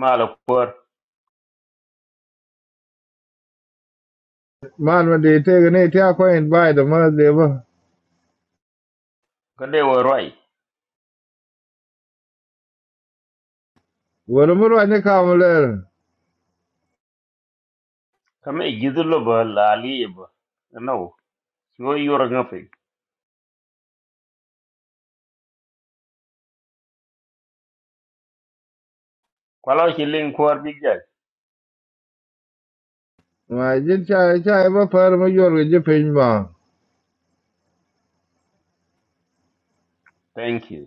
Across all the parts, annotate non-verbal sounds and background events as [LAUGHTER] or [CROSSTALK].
mala por Man ma de te ne te acquaint by the mother de ba. kade wo roi Wala mu rwanye kamuler. kame gidulo ba lali ba no yo yoro ngapi kwalo chi ling kwar big jack Ma jin cha cha ba par ma yor ge je pin ba. thank you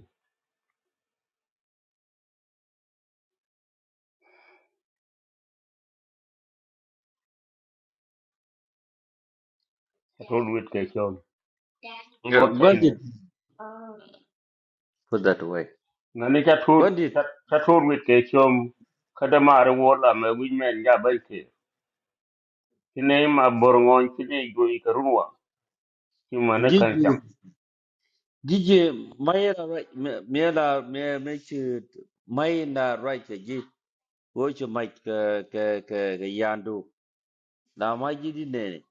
chatur wit ke chom Yeah, rot God chaine did put that away. ngani chatur God did. chatur wit ke chom kada mar wo la me wi men ga ba ke kine ma bor ngon kine go i karunwa ki mana kan cham Gigi, Gigi, Mayra, right? Mayra, Mayra, make it Mayra, right? Gigi, watch your mic, uh, uh, uh, uh, Yandu. Now, my Gigi, Nene,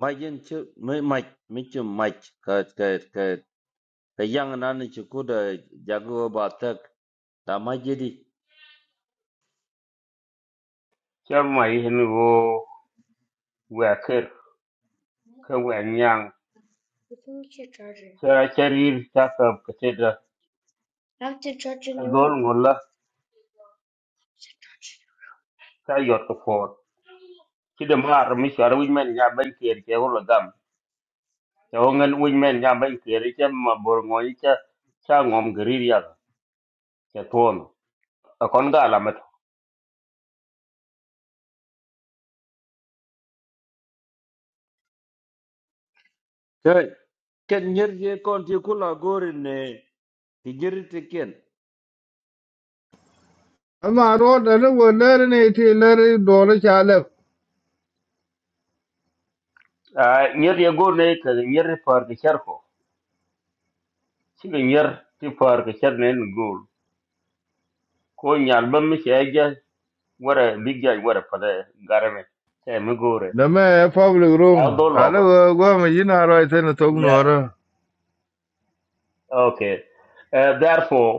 my Gigi, my mic, make your mic, uh, uh, uh, the young and Anna Chukuda, Jago Batak, now my Gigi. cham mai hin wo wa ker ka wa nyang cha charir cha ka ka te da ka dol ngola ka yot ko ci de mar mi shar wi men ya ban kier ke ho gam te ho ngal wi men ya ban kier ke ma bor ngo yi cha cha ngom grir ya ke ton a kon ga la met Good. Can you go in the Gigi again? Ama ro da ne wo ler ne te ler do le cha le. a nyer ye go ne ke nyer par ke char ko ci ge nyer ti par ke char ne gol ko nyal ban mi che ge wara big ja wara pa de garame te mi gore Na me public ya room. do lo Ala ko wo go ma jin aro ite ne tog yeah no ro. okay uh, therefore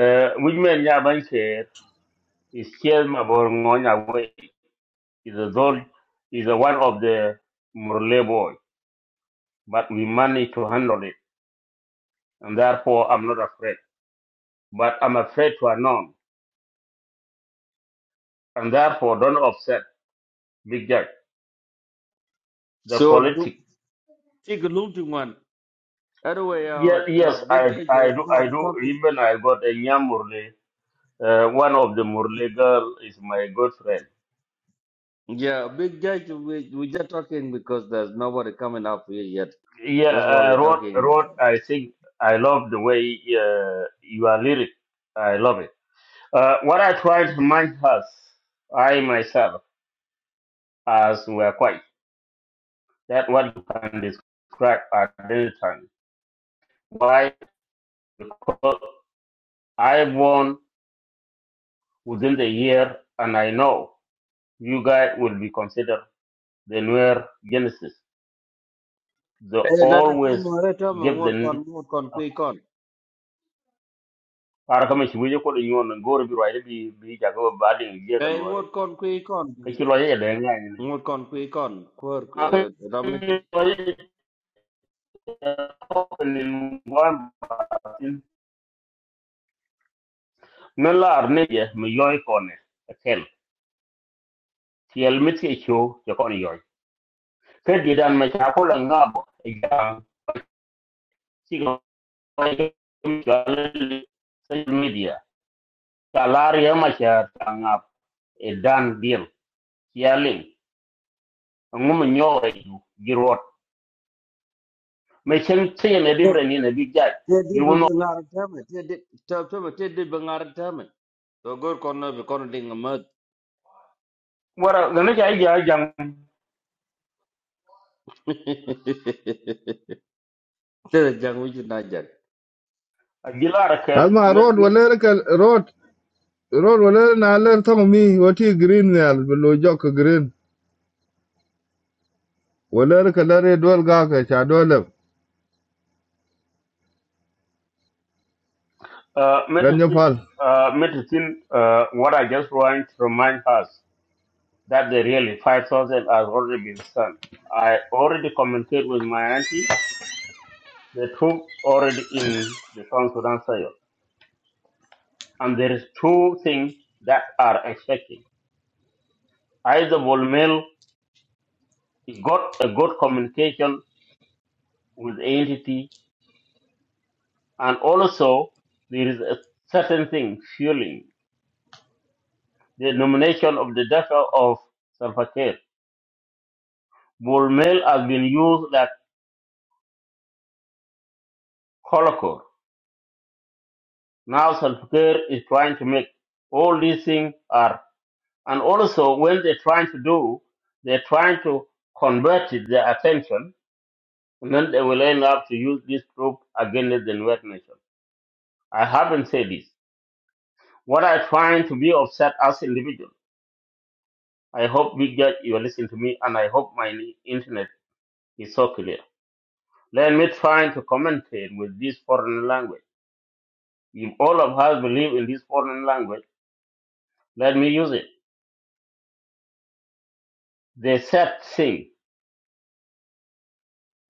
uh, wi men ya ban kier is still ma bor ngo ya is a zol is a one of the Murle boy, but we managed to handle it, and therefore I'm not afraid. But I'm afraid to announce, and therefore don't upset Big Jack. The So, politic. take a look to one. Anyway, uh, Yes, uh, yes, big I, judge. Uh, I do, no, I we're do. talking. Even I got a young Murle. Uh, one of the Murle girl is my good friend. Yeah, big judge. We we just talking because there's nobody coming up here yet. Yeah, That's why we're uh, Rod, talking. Rod, I think I love the way uh, you are lyric. I love it. Uh, what I try to remind us, I myself, as we are quite. That's what you can describe at as time. Why? Because I won within the year and I know you guys will be considered the newer Genesis. They Hey, dada tung always mare tam give the ngot kon name ngot kon kui kon. para kama shi wuje ko da yiwon nan gore bi rwaye bi bi ja ko ba de je Hey, ngot kon kui kon. Ngot kon kui kon. Kur ramedi. Ferdinand Machakula Ngabo ya sigo social media talari ya macha tangap e dan bil yaling ngum nyoe girot me chen chen e dibre ni ne bijaj Te di bu giwono bengar tam. Te di tam tam te di bengar tam. So gur kon na be kon ding mat. wara gane ja ja jang Te [LAUGHS] jang wujud najak. [LAUGHS] gilar kel Ama met ro do ler ka ro ro do ler na ler tong mi green ne al lo green. Wala ka ler do ga ka cha do le. Ganyo metitin pal. metitin what i just want to remind us that the really 5000 has already been sent i already communicated with my auntie The troops already in the South Sudan side, And there is two things that are expected. Either Volmel got a good communication with the entity, and also there is a certain thing fueling the nomination of the daughter of Salva Kiir. Volmel has been used like colocor. Now Salva Kiir is trying to make all these things are, and also when they're trying to do, they're trying to convert their attention and then they will end up to use this group against the Nuer Nation. I haven't said this. What i find to be upset as individual. I hope Big Judge you are listening to me, and I hope my internet is so clear. Let me try to commentate with this foreign language. If all of us believe in this foreign language, let me use it. They said thing.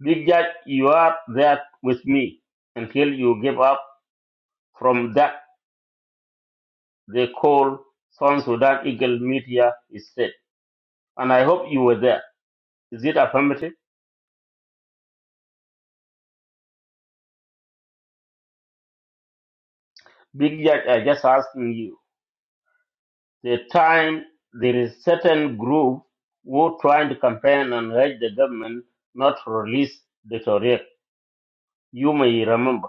Big Judge, you are there with me until you give up from that they call South Sudan Eagle Media State. And I hope you were there. Is it affirmative? Big Judge, I just asking you. The time there is certain group who trying to campaign and urge the government not to release the Torah. You may remember.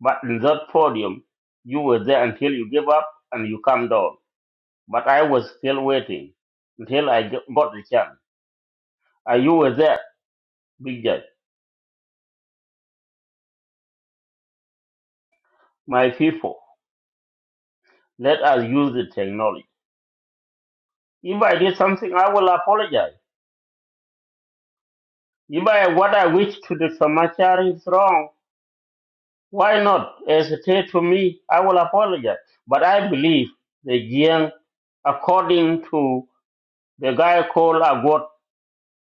But in that podium, you were there until you gave up and you come down. But I was still waiting until I get- got the chance. And you were there, Big Judge. My people, let us use the technology. If I did something, I will apologize. If I, what I wish to the Samachari is wrong, Why not? As it is to me, I will apologize. But I believe the Jiang, according to the guy called Agot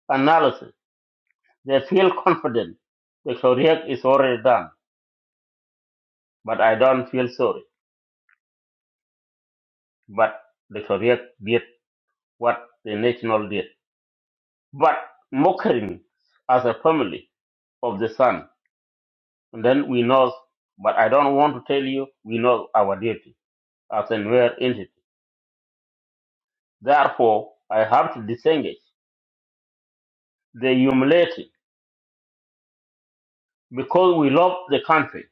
analysis, they feel confident the Korea is already done. But I don't feel sorry. But the Korea did what the national did. But mocking as a family of the sun, and then we know, but I don't want to tell you, we know our duty as a new entity. Therefore, I have to disengage They humiliated because we love the country.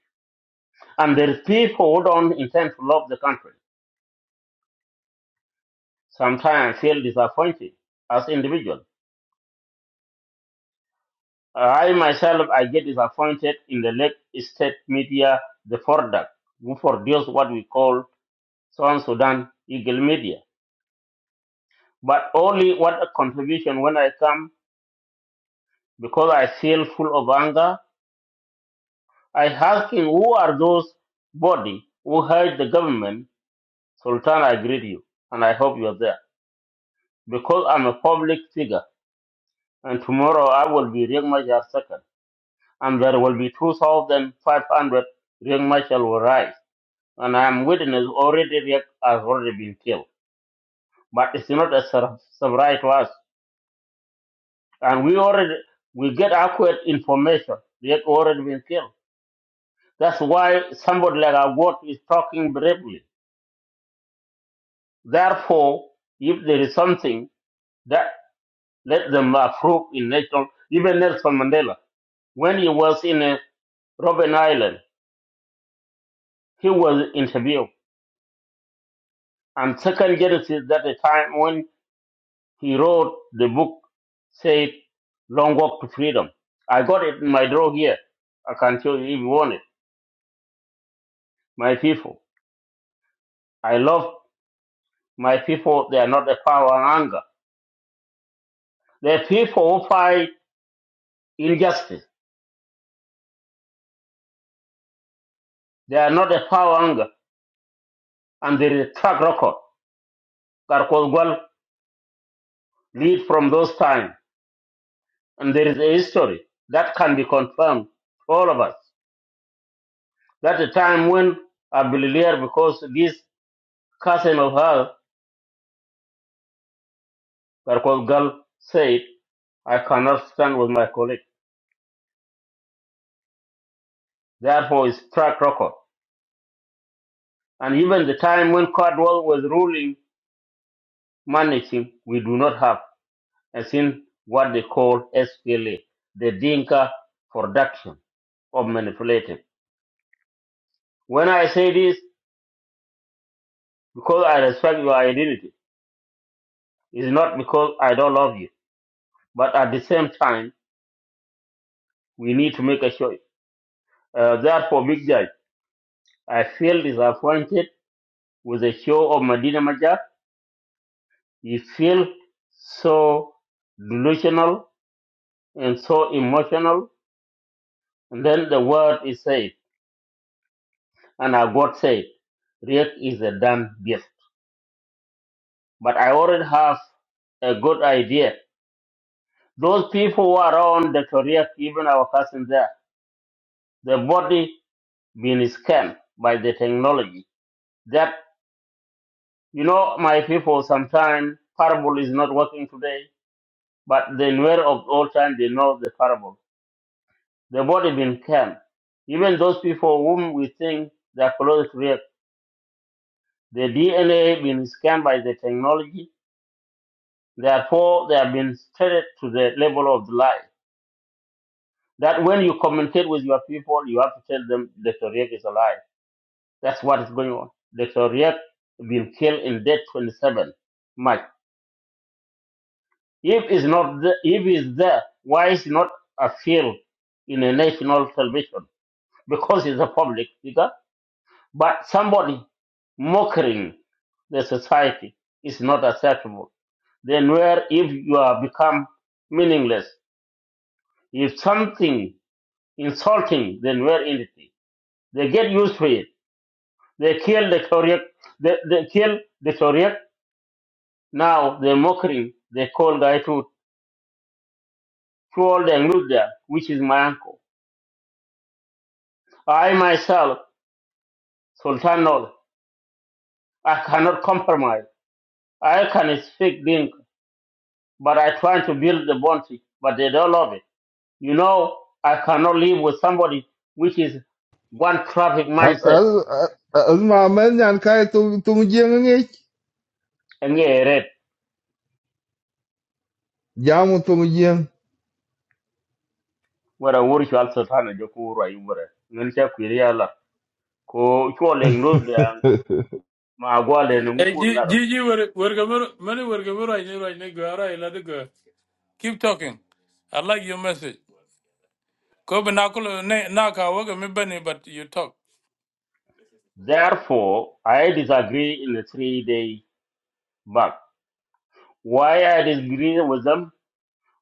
And there is people who don't intend to love the country. Sometimes I feel disappointed as individual. I myself, I get disappointed in the late state media, the product who produce what we call South Sudan Eagle Media. But only what a contribution when I come because I feel full of anger. I asking who are those body who hurt the government? Sultan, I greet you and I hope you are there. because I'm a public figure, and tomorrow I will be Riek Machar second, and there will be 2,500 Riek Machar will rise, and I am witness already Riek has already been killed. But it's not a sur- surprise to us, and we already we get accurate information. Riek already been killed. That's why somebody like Abbott is talking bravely. Therefore, if there is something that let them approve in national, even Nelson Mandela, when he was in a Robben Island. He was interviewed, and second Genesis that the time when he wrote the book said Long Walk to Freedom. I got it in my drawer here. I can show you if you want it. My people. I love my people. They are not a power and anger. They're people who fight injustice. They are not a power and anger. And there is a track record that could well lead from those times. And there is a history that can be confirmed. for All of us. That's the time when I believe her because this cousin of her, that was girl, said, I cannot stand with my colleague. Therefore, it's track record. And even the time when Cardwell was ruling, managing, we do not have, as in what they call SPLA, the Dinka production of manipulating. When I say this, because I respect your identity, it's not because I don't love you. But at the same time, we need to make a choice. Uh, therefore, Big Judge. I feel disappointed with the show of Medina Majak. You feel so delusional and so emotional. And then the word is said, and our God said, Riek is a damn gift. But I already have a good idea. Those people who are around the Riek, even our cousin there, their body being scanned by the technology. That, you know, my people, sometimes parable is not working today But the Nuer of old time, they know the parable. The body been in Even those people whom we think they are close to rape, the DNA been scanned by the technology. Therefore, they have been treated to the level of the lie. That when you communicate with your people, you have to tell them Dr. Riek is alive. That's what is going on. Dr. Riek been killed in date 27 March. If is not the, if is there, why is not a field in a national television? because he's a public figure, but somebody mocking the society is not acceptable. Then where if you are become meaningless, if something insulting then where entity, they get used to it. They kill the Korean, they, they kill the Korean. Now they're mocking the call guy to troll the Luda, which is my uncle. I myself, Sultan Nol, I cannot compromise. I can speak Dinka. but I trying to build the boundary, but they don't love it. You know, I cannot live with somebody which is one traffic Az mindset. men yan kai tung jing And yeah, red. Yamutse umujyi Wara wuri shi alsa tana je ko wura yi wura. Ngan ta ku la. Ko ko le ngro da ma gwa le ni Hey, ku G- Gigi, where where Gamero, many where Gamero, I knew right nigga, all right, let it go. Keep talking. I like your message. Kobe Nakolo, Naka, work me Benny, but you talk. Therefore, I disagree in the three day back. Why I disagree with them?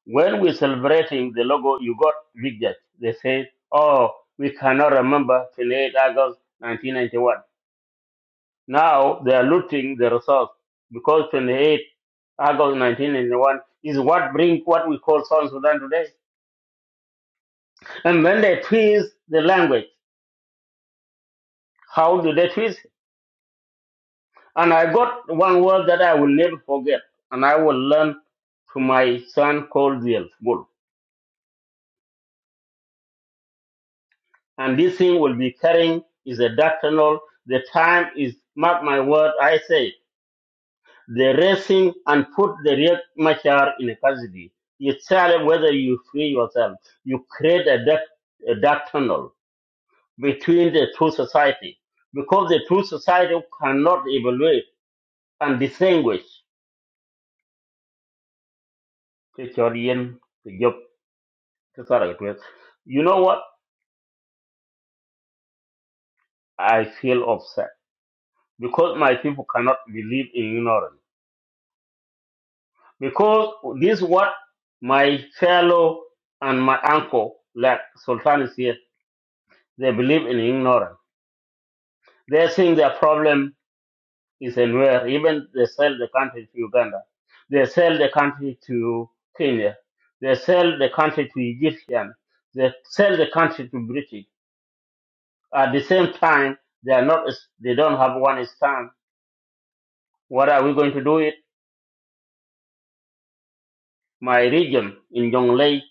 When we're celebrating the logo, you got big judge. They say, oh, we cannot remember 28 August 1991 Now they are looting the resource because 28 August 1991 is what brings what we call South Sudan today. And then they twist the language. How do they twist? it? And I got one word that I will never forget, and I will learn to my son called the Bull. And this thing will be carrying is a doctrinal. The time is, mark my word, I say, They arrest him and put the real Machar in custody. You tell him whether you free yourself. You create a dark, a dark tunnel between the two society because the two society cannot evaluate and distinguish Kechorian, Job, the Saragatuan. You know what? I feel upset because my people cannot believe in ignorance. Because this is what my fellow and my uncle, like Sultan is here, they believe in ignorance They think their problem is in where even they sell the country to Uganda, they sell the country to Kenya, they sell the country to Egyptian, they sell the country to British. At the same time, they are not. They don't have one stand. What are we going to do? It my region in Jonglei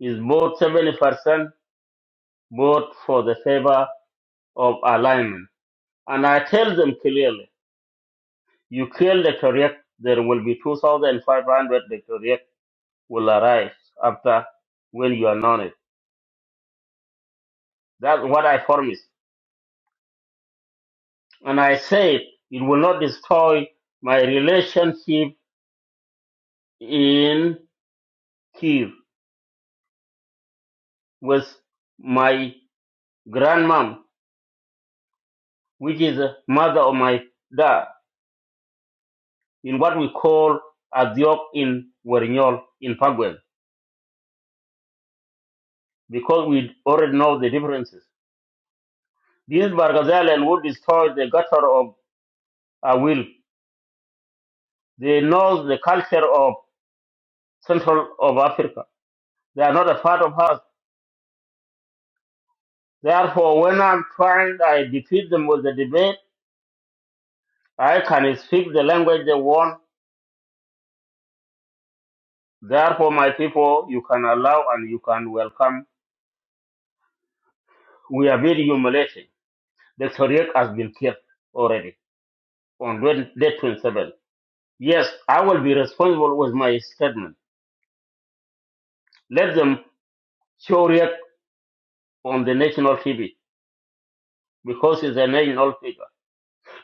is both seventy percent vote for the favor of alignment, and I tell them clearly: you kill the Korea, there will be two thousand five hundred Korea will arise after when you anoint it. That's what I promise. And I said, it will not destroy my relationship in Kiev with my grandmom, which is the mother of my dad, in what we call Adiok in Werinyol in Pagwen, because we already know the differences. These Bargazalian would destroy the gutter of our will. They know the culture of Central of Africa. They are not a part of us Therefore, when I'm trying, I defeat them with the debate. I can speak the language they want. Therefore, my people, you can allow and you can welcome. We are very humiliating. The Syriac has been killed already on day 27. Yes, I will be responsible with my statement. Let them show Riek on the national TV because he's a national figure.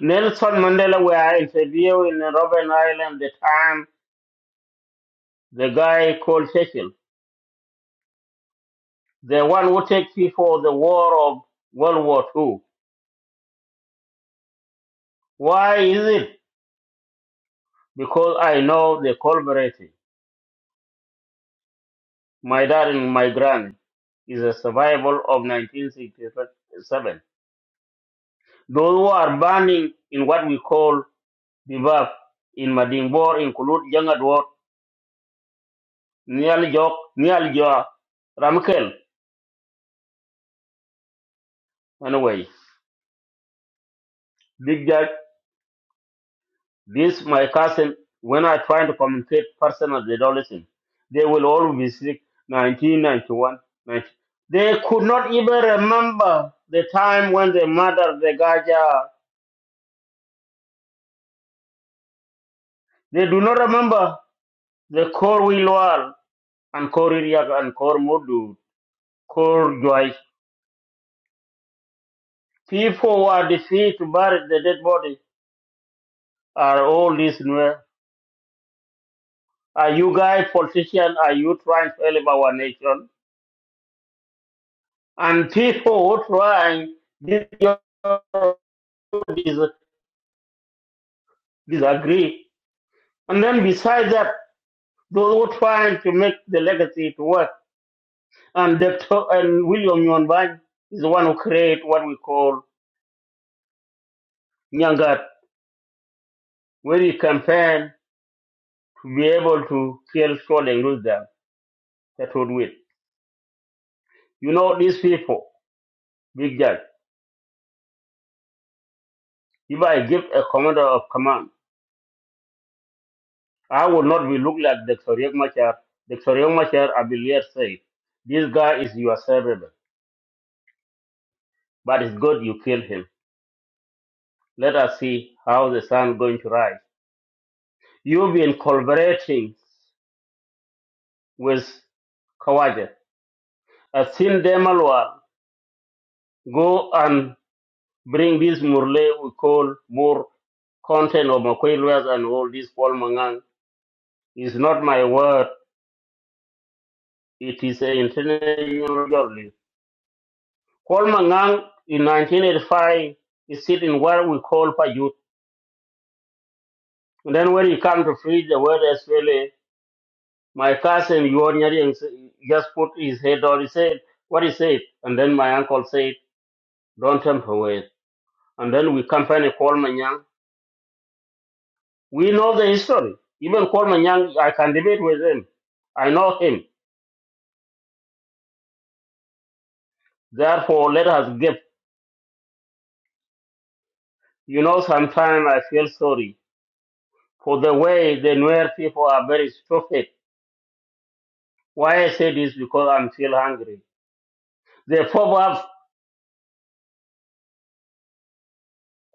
Nelson Mandela, where I interviewed in Robben Island, the time the guy called Cecil. the one who takes people the war of World War II. Why is it? Because I know the collaborating. My dad and my grand is a survival of 1967. Those who are burning in what we call Bivak in Madingbor include Jangadwar, Nialjok, Nialja, Ramkel, anyway, Big Judge, This my cousin, when I try to communicate personally, they don't listen. They will always be sick, 1991, They could not even remember the time when they murdered the Gaja. They do not remember the Kor Wilwal and Kor Iriak and Kor Mudu, Kor Joy. People who are defeated to bury the dead body are all listening. Are you guys politicians? Are you trying to help our nation? And people trying this disagree. And then besides that, those who are trying to make the legacy to work. And Dr. and William Yonbang is the one who create what we call Nyangat, where he campaign to be able to kill Saul and lose them. That would win. You know these people, big judge. If I give a commander of command, I will not be looked like the Dr. Riek Machar. Dr. Riek Machar, I believe, say, this guy is your servant. but it's good you kill him. Let us see how the sun going to rise. You've been collaborating with Kawaja. I've seen Demalwa go and bring this Murle we call more content of Makwelwas and all this Paul Mangang. It's not my word. It is an international journalist. Paul Mangang in 1985 is sitting what we call Payut. And then when he come to free the word SPLA, My cousin Yuanyari and s- just put his head on. his head. What He said, "What is it?" And then my uncle said, "Don't tempt away." And then we company Paul Manyang. We know the history. Even Paul Manyang, I can debate with him. I know him. Therefore, let us give. You know, sometimes I feel sorry for the way the Nuer people are very stupid. Why I say this because I'm still hungry. The proverb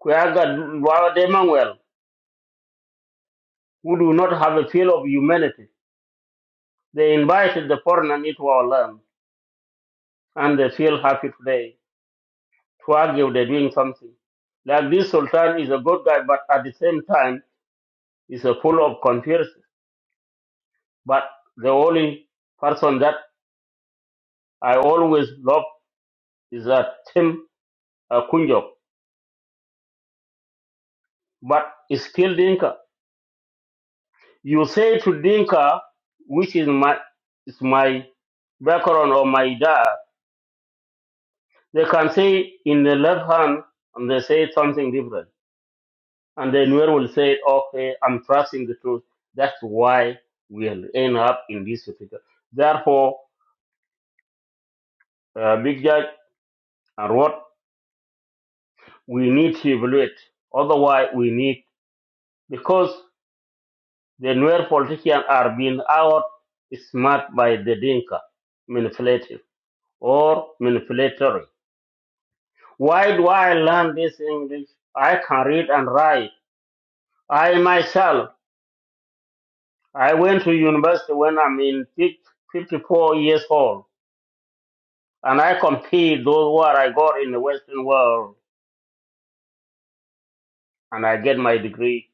Kuyaga Demanuel, who do not have a feel of humanity They invited the foreigner into our land, and they feel happy today to argue they're doing something. Like this Sultan is a good guy, but at the same time, is a full of conspiracy. But the only person that I always love is that Tim uh, Kunjok, but it's still Dinka. You say to Dinka, which is my, is my background or my dad, they can say in the left hand, and they say something different And then Nuer will say, okay, I'm trusting the truth. That's why we'll end up in this situation. Therefore, uh, Big Judge and what we need to evaluate. Otherwise, we need, because the Nuer politicians are being out smart by the Dinka, manipulative or manipulatory. Why do I learn this English? I can read and write. I myself, I went to university when I'm in 54 years old. and I compete those what I got in the Western world, and I get my degree.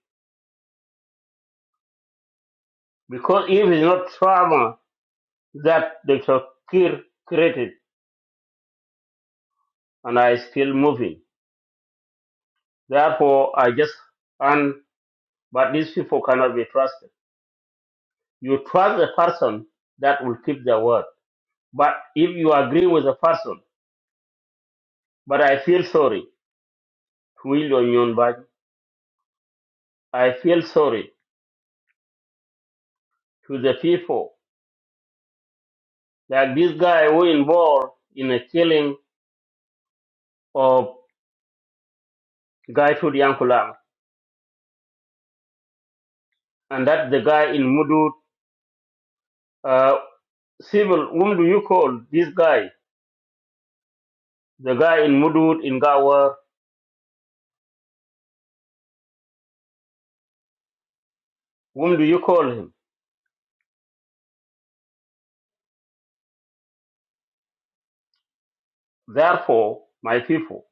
Because if it's not trauma that the Kir created, and I still moving. Therefore, I just and but these people cannot be trusted. You trust the person that will keep their word. But if you agree with the person, but I feel sorry to William Nyonbach, I feel sorry to the people. Like this guy who involved in the killing of Guy Tudiankulang. and that's the guy in Mudud. Uh, civil, whom do you call this guy? The guy in Mudud, in Gawa, whom do you call him? Therefore, my people,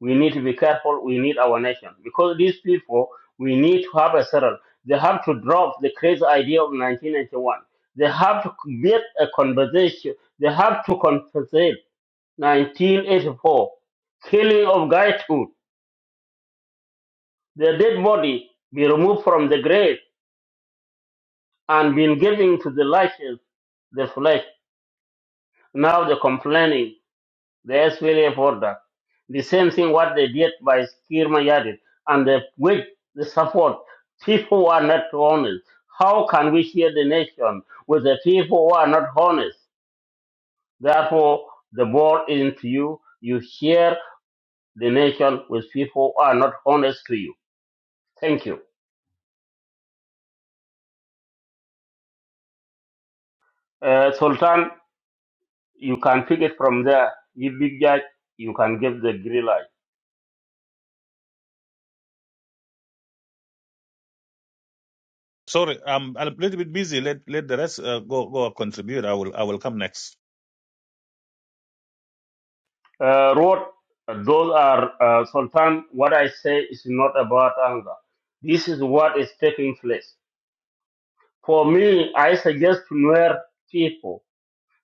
we need to be careful. We need our nation because these people, we need to have a settle. They have to drop the crazy idea of 1991. They have to get a conversation. They have to compensate 1984 killing of guy tooth, the dead body be removed from the grave and been giving to the lashes the flesh. Now they're complaining the SPLA order. The same thing what they did by Kirma Yadid and they with the support. People who are not honest. How can we share the nation with the people who are not honest? Therefore, the ball is into you. You share the nation with people who are not honest to you. Thank you. Uh, Sultan, you can pick it from there. You big judge, you can give the green light. Sorry, I'm a little bit busy. Let let the rest uh, go go contribute. I will I will come next. Uh, wrote, those are, uh, sometimes what I say is not about anger. This is what is taking place. For me, I suggest to Nuer people,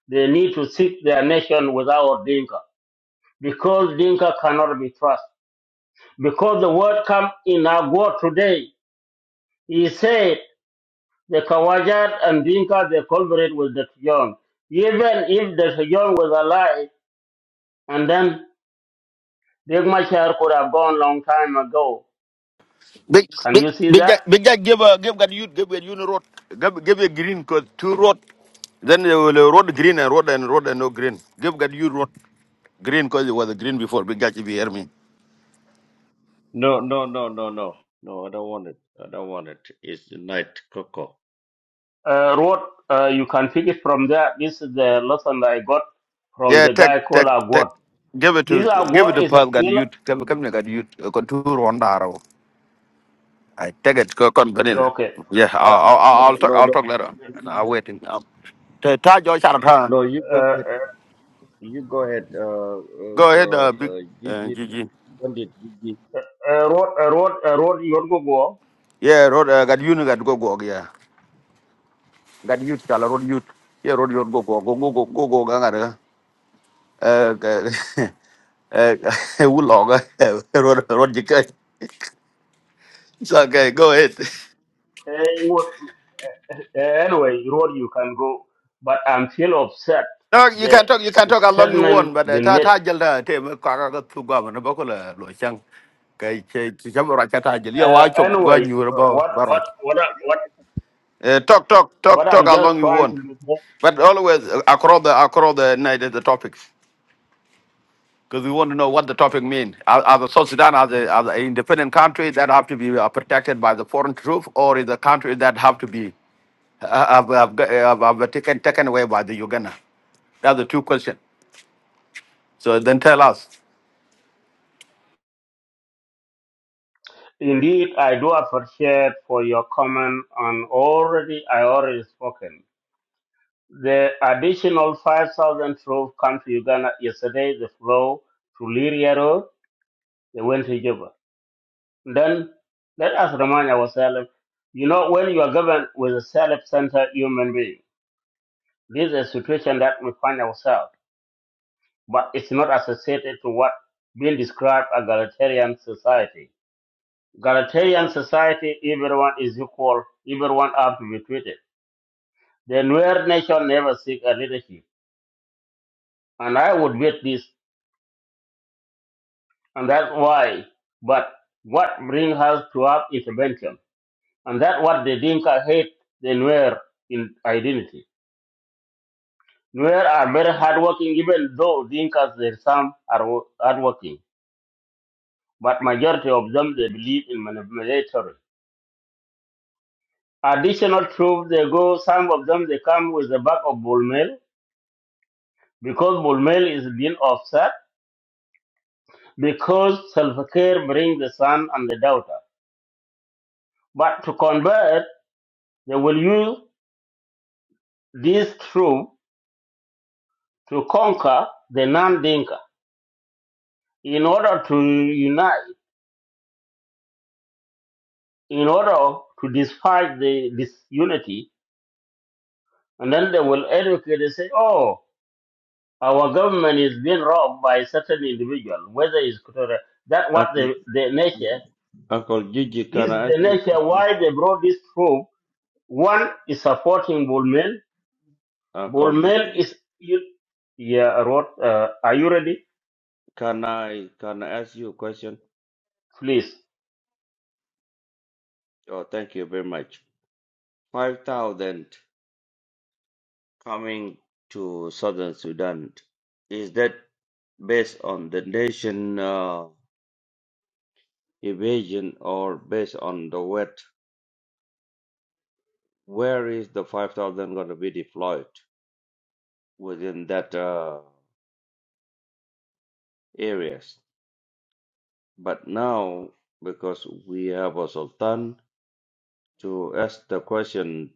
they need to seek their nation without Dinka, because Dinka cannot be trusted. Because the word come in Agua today, he said, the Kawajat and Dinka, they collaborate with the John. Even if the John was alive, and then Big Machar could have gone long time ago. Big, Can big, you see big, guy- that? big guy give a give a you give a you no road give give a green cause two road then they will uh, road green and road and road and no green give a you road green cause it was green before big guy if you hear me No, no, no, no, no, no. I don't want it. I don't want it. It's the night, Coco. Uh, Rod, uh, you can pick it from there. This is the lesson that I got from yeah the take guy called take take Agwad. give it to This give it Agwad to is a Paul got feel. you come come here got you uh, con two round arrow I take it go con Yeah, vanilla okay. yeah i Uh, I'll I'll No, I'll talk no, I'll no, talk later I'm waiting um ta ta jo shara ta no. You go uh, ahead. You go ahead. Uh, go uh, ahead uh, uh, big uh uh, Gigi, Gigi Bandit Gigi, uh, Rod, uh, Rod, uh, Rod, you want to go? yeah road uh, got you got go go yeah That youth, chala road youth. Yeah, road youth go go go go go go go ganga ra. Eh, eh, [LAUGHS] eh, [LAUGHS] uloga. [LAUGHS] Road road jika. It's okay. Go ahead. Uh, what- uh, anyway, road. you can go. But I'm still upset. No, you The can talk. You can talk how long you want, statement but uh, been ta made. ta jal ta te me kwa ka ka tu gwa na ba ko la lo chang. Kai che che cham ra cha ta jal. Ya Uh, wa chop gwa anyway, nyu ra uh, ba what, ba ra. what, what, I- what, Eh, talk talk talk what talk I'm how long just you trying to want. do. But always uh, across the across the night eh, the topic. because we want to know what the topic means. As as a South Sudan, as a, as an independent country that have to be uh, protected by the foreign troops, or is a country that have to be uh, have, have, g- have, have taken taken away by the Uganda? That's the two questions. So then tell us. Indeed, I do appreciate for your comment on already. I already spoken. The additional 5,000 troops come to Uganda yesterday, they flow to Liria Road, they went to Juba. Then let us remind ourselves, you know, when you are governed with a self-centered human being, this is a situation that we find ourselves, but it's not associated to what being described as egalitarian society. Egalitarian society, everyone is equal, everyone have to be treated. The Nuer nation never seek a leadership. And I would bet this and that's why. But what brings us to up is a venture, and that's what the Dinka hate the Nuer in identity. Nuer are very hardworking, even though Dinkas their some are wo- hardworking, but majority of them they believe in manipulatory. Additional proof they go, some of them they come with the back of bull mail because bull mail is being offset because self-care brings the son and the daughter. But to convert, they will use this truth to conquer the non-Dinka in order to unite, in order to despite the disunity, and then they will educate and say, "Oh, our government is being robbed by certain individual, whether it's Kutura." That what Uncle, the the nature Uncle, Uncle Gigi. this Can is I ask the you a nature question? why they brought this troop. One is supporting Bullman. Uncle Bullman Gigi, is you, yeah. Rod, uh, are you ready? can I can I ask you a question? Please. Oh, thank you very much. Five thousand coming to Southern Sudan. Is that based on the nation? Uh, evasion or based on the wet, where is the 5,000 going to be deployed within that uh, areas. But now, because we have a sultan to ask the question,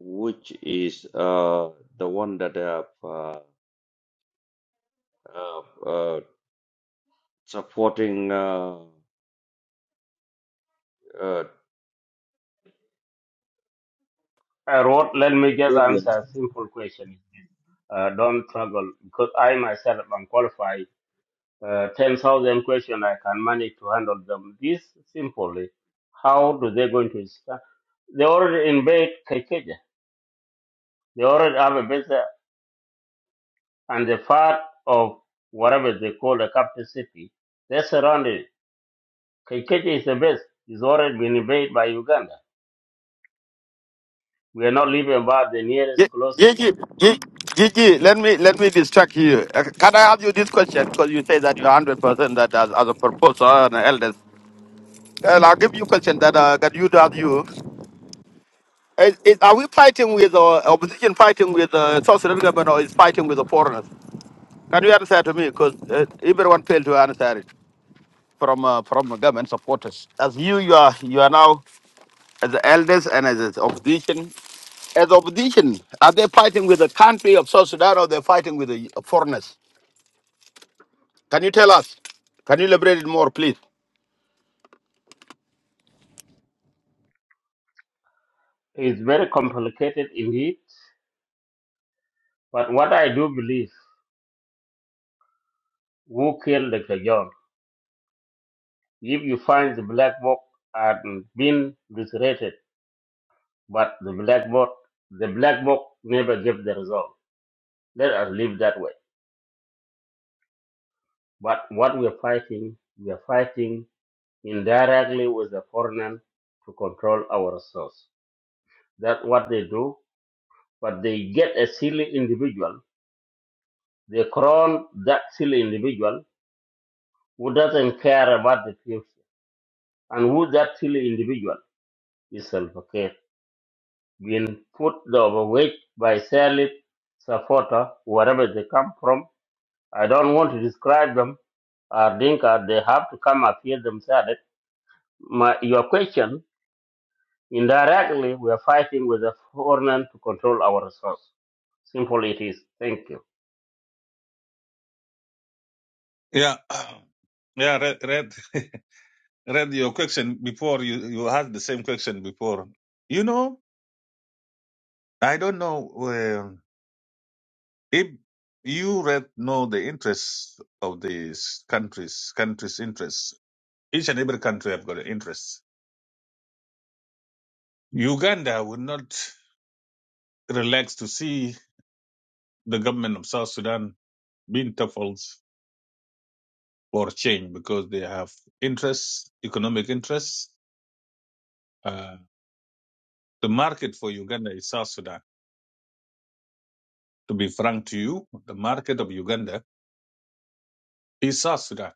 which is uh, the one that have uh, uh, uh, supporting uh, I wrote, let me just uh, answer a simple question. Is this. Uh, don't struggle because I myself am qualified. Uh, 10,000 questions, I can manage to handle them this simply. How do they going to start? They already invade Kaikeja. They already have a base there. and the part of whatever they call the capital city. They surrounded. Kaikeja is the base. It's already been invaded by Uganda. We are not leaving about the Ye- nearest closest. Gigi, Gi- Gigi, let me let me distract you. Uh, Can I ask you this question? Because you say that you're hundred percent that as, as a proposal and an elders. And I'll give you a question that uh, that you to ask you. Is, is, are we fighting with uh, opposition fighting with uh, South Sudan government or is fighting with the foreigners? Can you answer to me? Because uh, everyone failed to answer it from uh, from the government supporters. As you, you are you are now as the elders and as the opposition. As opposition, are they fighting with the country of South Sudan or they're fighting with the foreigners? Can you tell us? Can you elaborate it more, please? It's very complicated indeed But what I do believe, who killed Dr. John? If you find the black book and been reiterated, but the black book, the black book never gave the result. Let us live that way. But what we are fighting, we are fighting indirectly with the foreigner to control our resource. That's what they do. But they get a silly individual. They crown that silly individual who doesn't care about the future, and who that silly individual is self-care will put the overweight by selling supporter wherever they come from. I don't want to describe them or Dinka. They have to come up here themselves. My, your question indirectly, we are fighting with the foreign to control our resource. Simple it is. Thank you. Yeah, [CLEARS THROAT] yeah. Read read [LAUGHS] read your question before. You you had the same question before. You know, I don't know uh, if you read know the interests of these countries. Countries' interests. Each and every country have got an interest. Uganda would not relax to see the government of South Sudan being toppled or change because they have interests, economic interests. Uh, the market for Uganda is South Sudan. To be frank to you, the market of Uganda is South Sudan.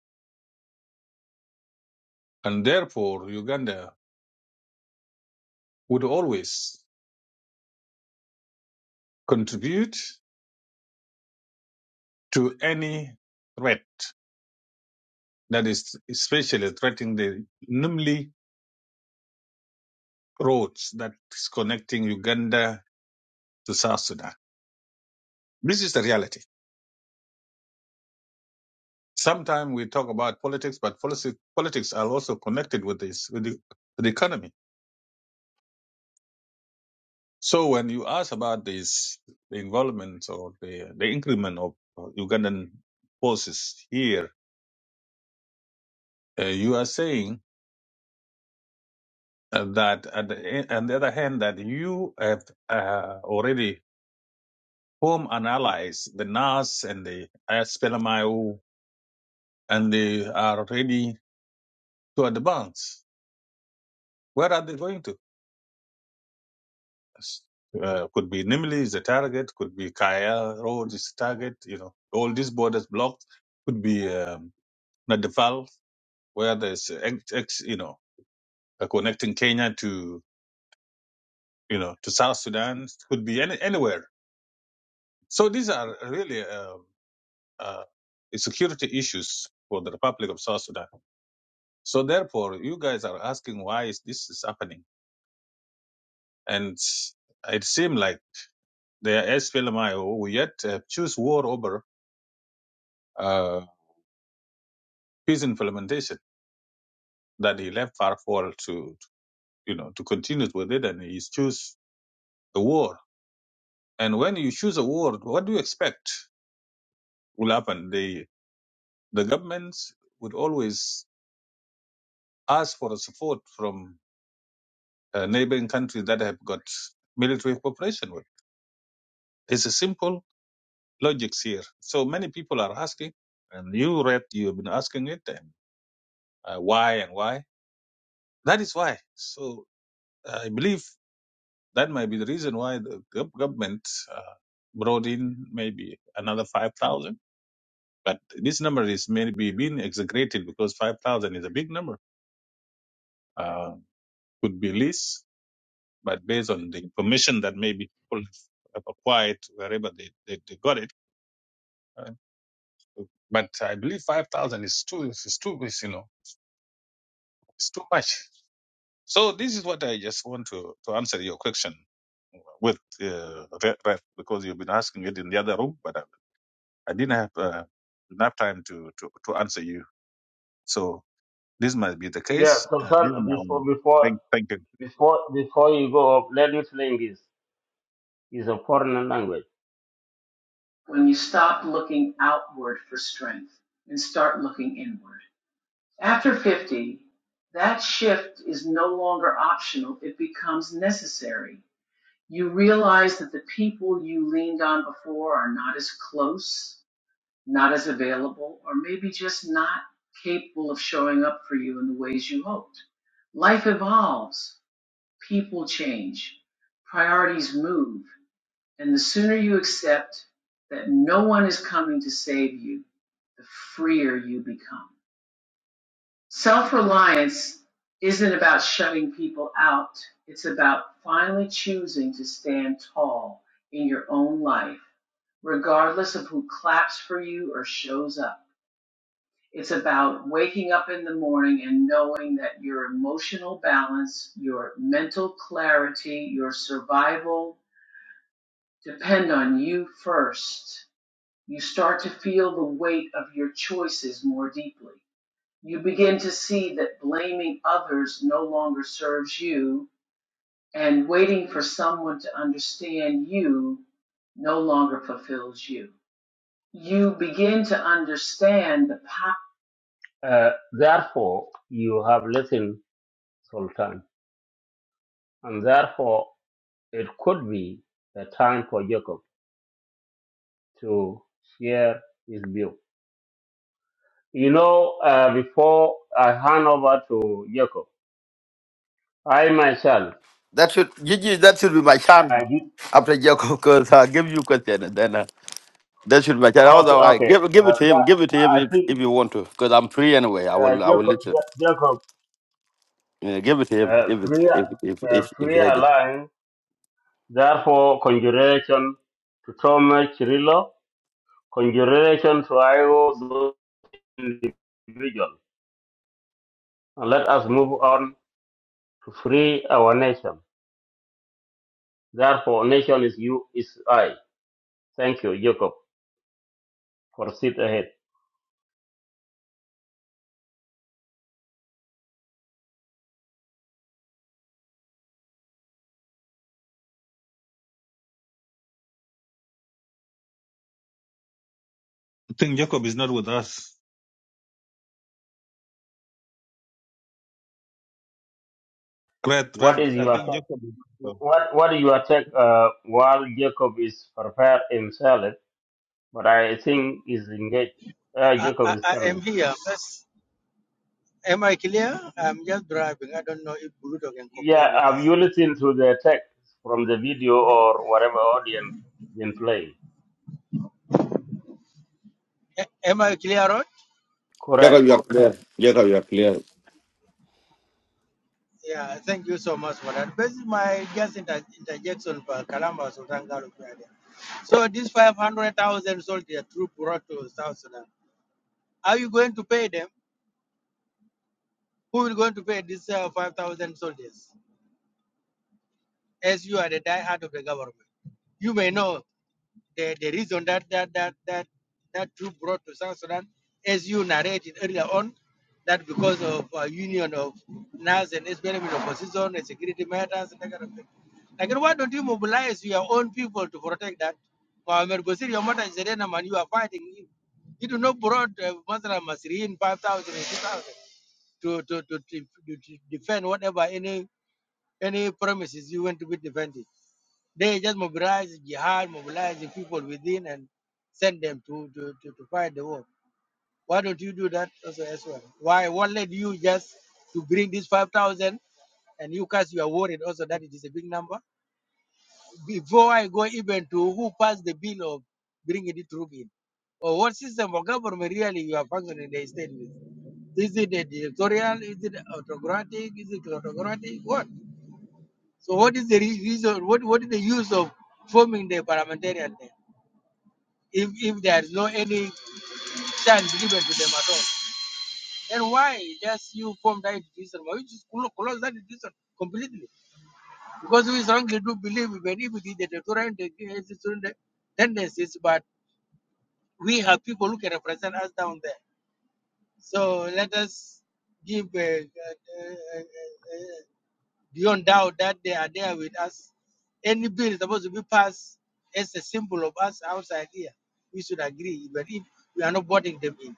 And therefore, Uganda would always contribute to any threat that is especially threatening the namely roads that is connecting Uganda to South Sudan. This is the reality. Sometimes we talk about politics, but policy, politics are also connected with this, with the, with the economy So when you ask about this, the involvement or the, the increment of uh, Ugandan forces here, uh, you are saying uh, that at the, e, on the other hand, that you have uh, already formed and allies, the NAS and the SPLMIO, and they are ready to advance. Where are they going to? Uh, could be Nimili is the target, could be Kaya Road is the target, you know, all these borders blocked, could be um, Nadifal where there's uh, ex, ex, you know uh, connecting Kenya to you know to South Sudan could be any, anywhere. So these are really uh, uh, security issues for the Republic of South Sudan. So therefore, you guys are asking why is this is happening, and it seems like the SPLMIO will yet uh, choose war over uh, peace implementation that he left Farfall to you know to continue with it, and he choose the war. And when you choose a war, what do you expect? will happen. The the governments would always ask for the support from uh, neighboring countries that have got military cooperation with. It's a simple logic here. So many people are asking, and you, Red, you've been asking it, and uh, why and why. That is why. So uh, I believe that might be the reason why the gov- government uh, brought in maybe another 5,000. But this number is maybe being exaggerated because 5,000 is a big number. Uh, could be less but based on the information that maybe people have acquired wherever they, they, they got it. uh, But I believe 5,000 is too, is too, is, you know, it's too much. So this is what I just want to, to answer your question with, uh, Re- Ref, because you've been asking it in the other room, but I, I didn't have uh, enough time to, to, to answer you. So this might be the Yeah, case. Uh, this Sultan. is my Before own. before Thank, thank you. before before you go up, let me explain this. It's a foreign language. When you stop looking outward for strength and start looking inward. After 50, that shift is no longer optional, it becomes necessary. You realize that the people you leaned on before are not as close, not as available, or maybe just not capable of showing up for you in the ways you hoped. Life evolves, people change, priorities move, and the sooner you accept that no one is coming to save you, the freer you become. Self reliance isn't about shutting people out, it's about finally choosing to stand tall in your own life, regardless of who claps for you or shows up. It's about waking up in the morning and knowing that your emotional balance, your mental clarity, your survival depend on you first. You start to feel the weight of your choices more deeply you begin to see that blaming others no longer serves you, and waiting for someone to understand you no longer fulfills you. You begin to understand the power. Uh, therefore, you have listened, Sultan, and therefore it could be a time for Jacob to share his view. You know, uh, before I hand over to Jacob, I myself, That should Gigi, that should be my chance I did. after Jacob, because i give you question and then uh, that should be my chance. Okay, Otherwise, okay. give give it Uh, to him. but Give it to him I if, think if you want to, because I'm free anyway. I uh, will I will Jacob, listen. Ja- Jacob Yeah, give it to him uh, if it's free, if if if uh, if, if free align, therefore, conjuration to Thomas Cirillo, conjuration to IO, those individual. And let us move on to free our nation. Therefore, nation is you, is I. Thank you, Jacob. Proceed ahead. I think Jacob is not with us. Red, What red. is I your think take? Jacob. What, what is your take uh, while Jacob is prepared himself? but I think he's engaged. Uh, I, Jacob I, is I am coming. here. That's, am I clear? I'm just driving. I don't know if Bluto can Yeah, cooperate with have you us. listened to the text from the video or whatever audience been playing? A- am I clear, Rod? Correct. Jacob, you are clear. Jacob, you are clear. Yeah, thank you so much for that. This is my just inter- interjection for Kalamba Sultan Gallup. Radio. So these 500,000 soldiers troop brought to South Sudan, are you going to pay them? Who will going to pay these uh, 5,000 soldiers? As you are the die-hard of the government. You may know. the, the reason that that that that that troop brought to South Sudan, as you narrated earlier on, that because of a union of NAS and SPLM with opposition and security matters and that kind of thing. Like, why don't you mobilize your own people to protect that? Mohamed Bosir, your mother is a Renam and you are fighting him. You do not brought uh, Masra Masriin 5,000 and 2,000 to, to, to, to, to defend whatever any any promises you want to be defended. They just mobilize jihad, mobilize the people within and send them to, to, to, to fight the war. Why don't you do that also as well? Why what led you just to bring this five thousand and you guys you are worried also that it is a big number? Before I go even to who passed the bill of bringing the troop in, or what system of government really you are functioning in the state with? Is it a dictatorial? Is it autocratic? Is it autocratic? What? So what is the re- reason? What what is the use of forming the parliamentarian? There? if, if there is no any chance given to them at all. Then why just you form that institution? Why you just clo- close that institution completely? Because we strongly do believe even if it is the deterrent against student tendencies, but we have people who can represent us down there. So let us give uh, uh, uh, uh, uh, beyond doubt that they are there with us. Any bill is supposed to be passed as a symbol of us outside here. We should agree, even if we are not voting them in.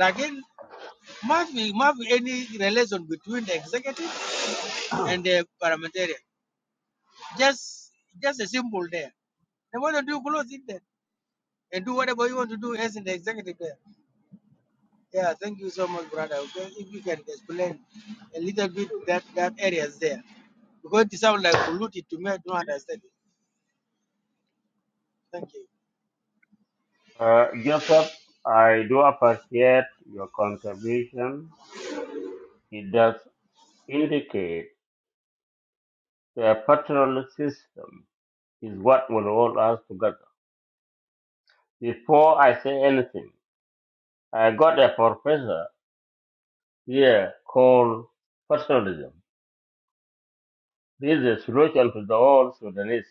again. must be must be any relation between the executive and the parliamentarian. Just just a symbol there. They want to do close it there and do whatever you want to do as in the executive there. Yeah, thank you so much, brother. Okay, if you can explain a little bit that that areas there because it sounds like polluted to me. I don't understand it. Thank you. Uh, Joseph, I do appreciate your contribution. It does indicate the paternal system is what will hold us together. Before I say anything, I got a professor here called paternalism. This is a solution to the whole Sudanese.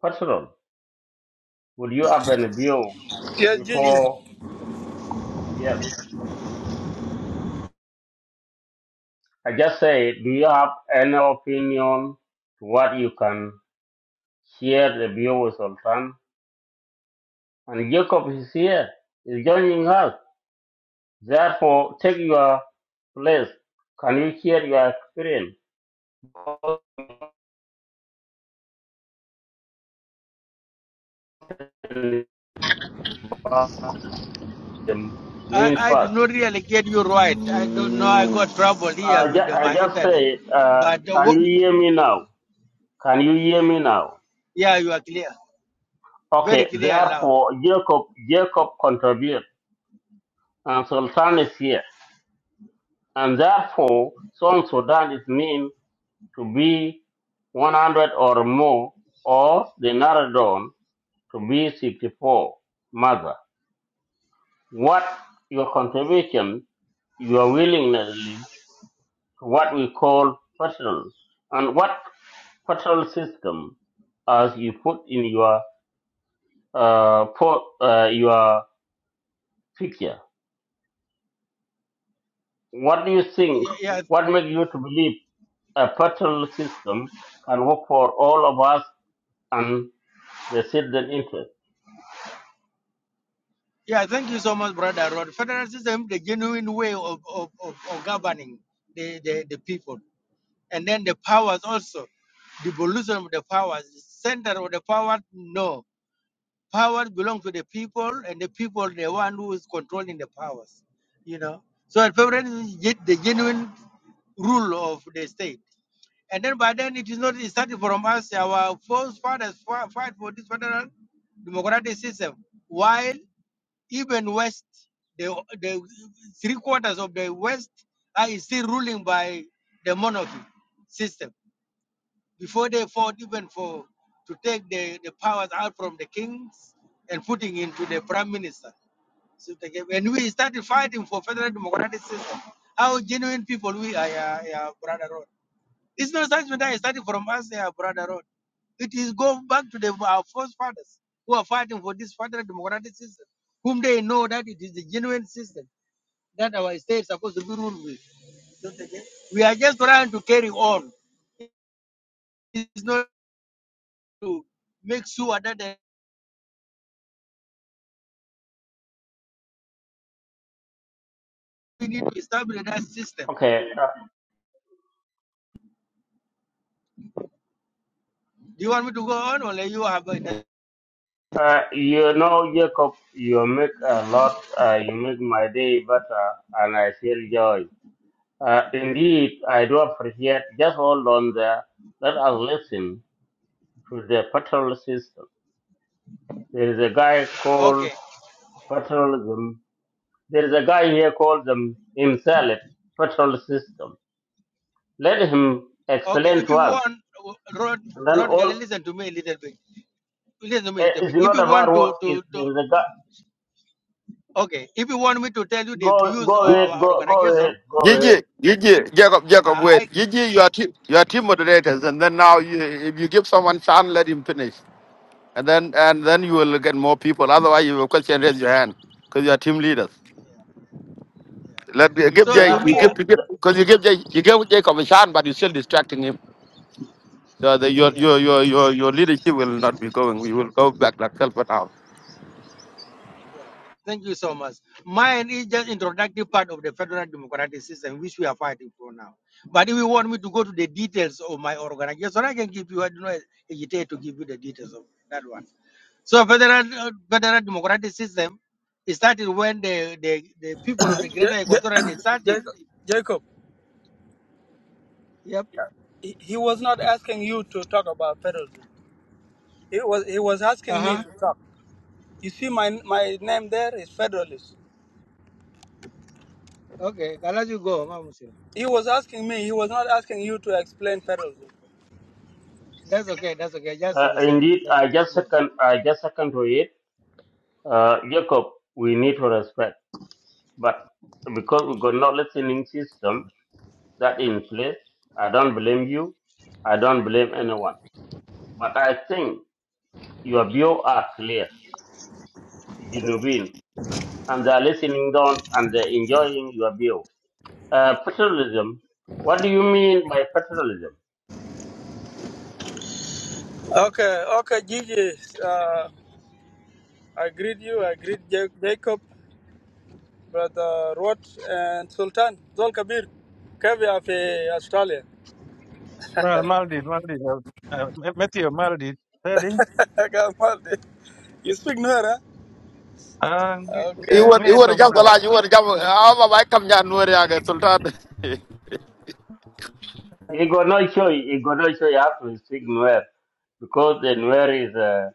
Paternal. Will you have a review Yeah, Gigi. before? Yes. I just say, do you have any opinion to what you can share the view with Sultan? And Jacob is here, is joining us. Therefore, take your place. Can you share your experience? I, Mean I do first. not really get you right. I don't know. I got trouble here I, with ju- the, I my just internet, say, uh, but the can word, you hear me now? Can you hear me now? yeah, you are clear, very Okay, clear and loud. therefore, Jacob, Jacob contribute. and Sultan is here. And therefore, South Sudan is meant to be 100 or more, or the Naradon to be 64. Mother, what your contribution, your willingness to what we call federal, and what federal system as you put in your uh, po- uh, your picture. What do you think? Yeah, yeah What makes you to believe? a federal system can work for all of us and the citizen interest. Yeah, thank you so much, Brother Rod. Federal system, the genuine way of, of, of, of governing the, the, the people. And then the powers also, devolution of the powers, center of the power, no. Power belongs to the people, and the people, the one who is controlling the powers, you know. So at federalism is ge- the genuine rule of the state. And then by then, it is not it started from us. Our forefathers fa- fight for this federal democratic system. Why? Even West, the, the three quarters of the West are still ruling by the monarchy system. Before they fought even for to take the, the powers out from the kings and putting into the prime minister. So they gave- and we started fighting for federal democratic system. How genuine people we are, yeah, yeah, brother Road. It's not such that it started from us, yeah, brother Road. It is go back to the, our first fathers who are fighting for this federal democratic system, whom they know that it is the genuine system that our state is supposed to be ruled with. We are just trying to carry on. It's not to make sure that we need to establish that system. Okay, Do you want me to go on or you have a- uh, uh, you know, Jacob, you make a lot, uh, you make my day better, and I feel joy. Uh, indeed, I do appreciate. Just hold on there. Let us listen to the federal system. There is a guy called Okay, federalism. There is a guy here called them himself federal system. Let him okay. explain If to you us want, Rod, and then Rod, can all you listen to me a little bit? Listen to me a Eh, little It's bit. If not you about want what to, is to, to the gu- okay, if you want me to tell you the go views go of Gi- ahead our go go ahead organization, go we. ahead. Gigi, Gigi, Jacob, Jacob, Uh, I, wait. Gigi, you are team, you are team moderators, and then now you, if you give someone chance, let him finish, and then and then you will get more people. Otherwise, you will question, raise your hand, because you are team leaders. yeah. Let give So Jay, to you me, uh, Therefore, give the, because you give Jay, you give Jacob a chance, but you're still distracting him. So the, your, yeah, your your your your leadership will not be going. We will go back like self now. yeah. Thank you so much. Mine is just introductory part of the federal democratic system which we are fighting for now. But if you want me to go to the details of my organization, I can give you. I do not hesitate to give you the details of that one. So federal uh, federal democratic system it started when the, the, the people of the Greater Ja- Ja- Equatorian started. Jacob. [COUGHS] Jacob. Yep. He, he was not asking you to talk about federalism. He was he was Uh asking me huh. to talk. You see, my my name there is federalist. Okay. I'll let you go, Mama Musira. He was asking me. He was not asking you to explain federalism. That's okay. That's okay. Just uh, the same. indeed, That's I okay. You just go. second I just second to it. Uh, Jacob, we need to respect, but because we got not listening system that in place, I don't blame you. I don't blame anyone. But I think your view are clear, you know, and they're listening down and they're enjoying your view. Uh, federalism. What do you mean by federalism? Okay, okay, Gigi. Uh, I greet you. I greet Ja- Jacob, brother Roth, and Sultan Zol Kabir. Kabir of Australia. Mal maldi maldi uh, Matthew maldi tadi [LAUGHS] Kamal, You speak Nuer, huh? ah You Okay. want you ngene want to jump tongda the line. You want to jump. Ah, my come down. No, Sultan. [LAUGHS] He got no choice. He got no choice. You have to speak Nuer because the Nuer is a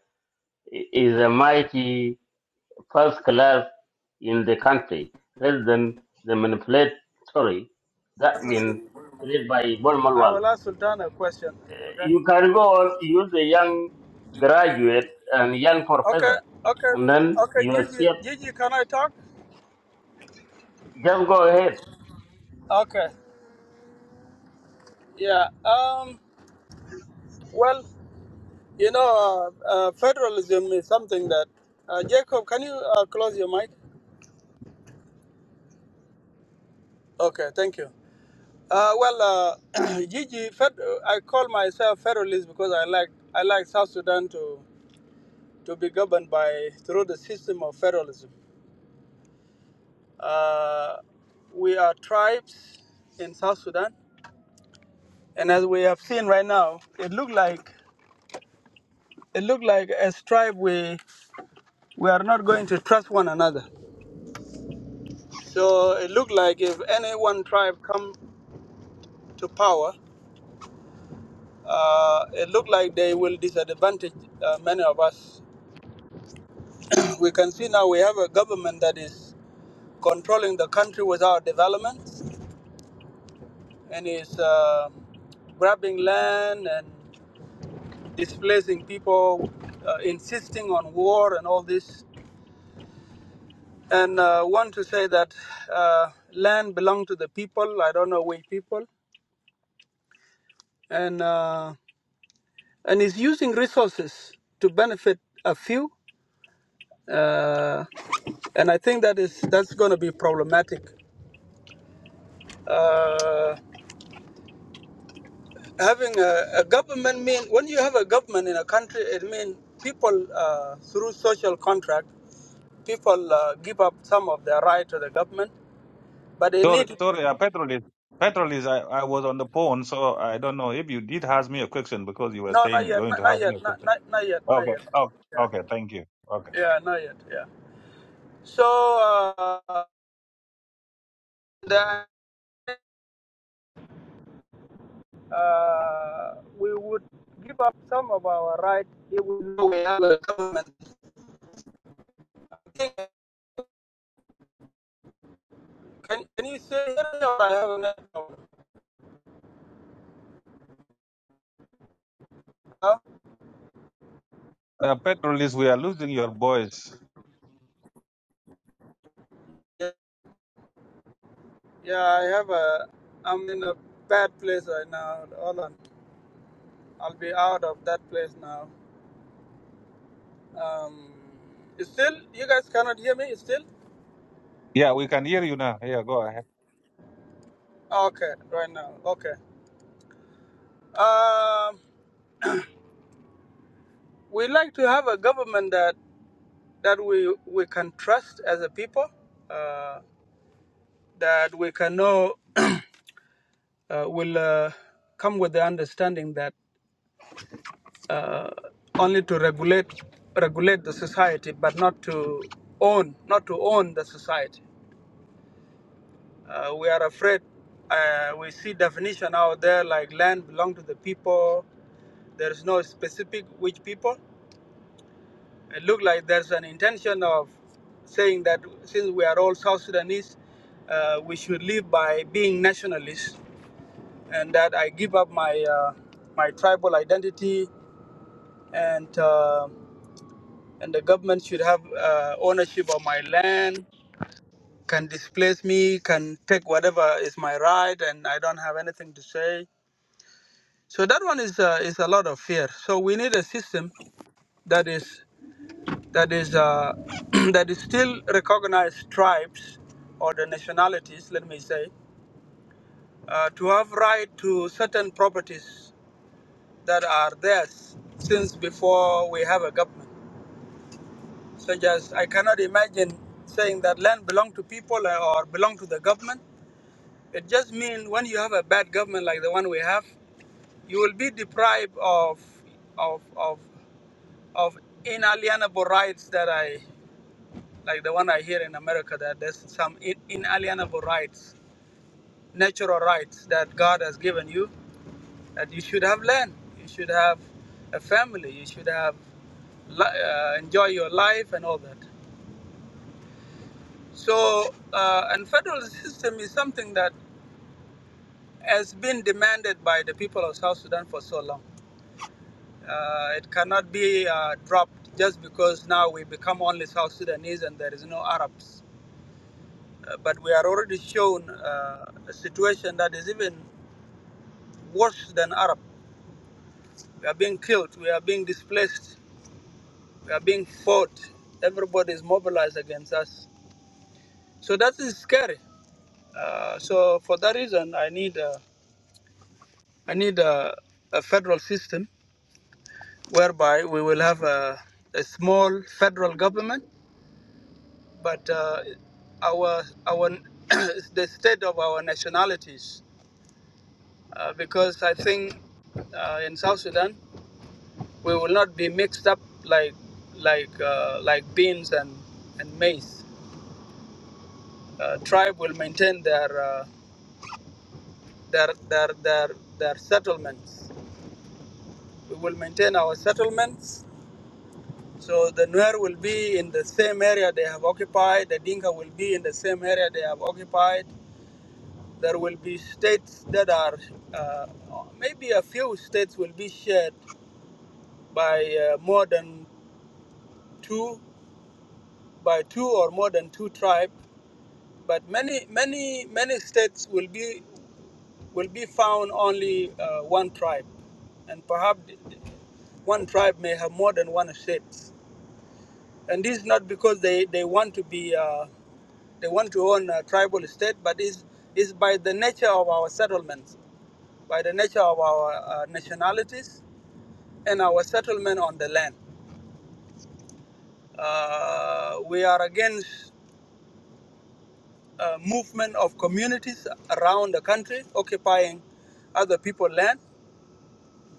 is a mighty first class in the country. Rather than the manipulatory, that means created by I Bonmalwal. will ask Sultan a question. Okay. You can go on use a young graduate and young Okay. professor, Okay. and then Okay. you are Gigi, ship. Gigi, can I talk? Just go ahead. Okay. Yeah. Um. Well, you know, uh, uh, federalism is something that. Uh, Jacob, can you uh, close your mic? Okay. Thank you. Uh, well, uh, [CLEARS THROAT] Gigi, fed, I call myself federalist because I like I like South Sudan to to be governed by through the system of federalism. Uh, we are tribes in South Sudan. And as we have seen right now, it looked like it looked like as tribe we we are not going to trust one another. So it looked like if any one tribe come to power, uh, it looked like they will disadvantage uh, many of us. We can see now we have a government that is controlling the country without development and is uh, grabbing land and displacing people, uh, insisting on war and all this. And uh, want to say that uh, land belong to the people. I don't know which people, and uh, and is using resources to benefit a few. Uh, and I think that is that's going to be problematic. Uh, having a, a government mean when you have a government in a country, it means people uh, through social contract, people uh, give up some of their right to the government, but it sorry need to be sorry uh, petrol is petrol is I, I was on the phone so I don't know if you did ask me a question because you were no, saying not you're yet, going to not, not ask me yet, a not, question not, not yet, not okay yet. oh, Yeah. okay thank you okay Yeah, not yet. Yeah. So uh, then uh, we would give up some of our right if we know we have a government. Can Can you say I have a network? Huh? uh, petrol is we are losing your voice Yeah, yeah, I have a. I'm in a bad place right now. Hold on, I'll be out of that place now. Um, still, you guys cannot hear me. Still, yeah we can hear you now yeah go ahead okay, right now, okay. Um, we like to have a government that that we, we can trust as a people, uh, that we can know [CLEARS THROAT] uh, will uh, come with the understanding that uh, only to regulate regulate the society, but not to own not to own the society. Uh, we are afraid. Uh, we see definition out there like land belong to the people. There is no specific which people. It looks like there's an intention of saying that since we are all South Sudanese, uh, we should live by being nationalists, and that I give up my uh, my tribal identity, and uh, and the government should have uh, ownership of my land, can displace me, can take whatever is my right, and I don't have anything to say. So that one is uh, is a lot of fear. So we need a system that is that is uh, [CLEARS THROAT] that is still recognized tribes or the nationalities, let me say, uh, to have right to certain properties that are theirs since before we have a government. Such as I cannot imagine saying that land belong to people uh, or belong to the government. It just means when you have a bad government like the one we have, you will be deprived of of of of inalienable rights that I like the one I hear in America, that there's some in- inalienable rights, natural rights that God has given you, that you should have land, you should have a family, you should have li- uh, enjoy your life and all that. So, uh, and federal system is something that has been demanded by the people of South Sudan for so long. Uh, it cannot be uh, dropped just because now we become only South Sudanese and there is no Arabs Uh, but we are already shown uh, a situation that is even worse than Arab. We are being killed, we are being displaced, we are being fought. Everybody is mobilized against us. So that is scary. Uh, so for that reason, I need a, I need a, a federal system whereby we will have a, a small federal government, but uh, our our [COUGHS] [CLEARS THROAT] the state of our nationalities, uh, because I think uh, in South Sudan we will not be mixed up like like uh, like beans and and maize. Uh, tribe will maintain their uh, their their their their settlements. We will maintain our settlements. So the Nuer will be in the same area they have occupied. The Dinka will be in the same area they have occupied. There will be states that are uh, maybe a few states will be shared by uh, more than two by two or more than two tribes but many many many states will be will be found only uh, one tribe and perhaps th- th- one tribe may have more than one state and this is not because they they want to be uh, they want to own a tribal state but is is by the nature of our settlements by the nature of our uh, nationalities and our settlement on the land uh, we are against uh, movement of communities around the country occupying other people's land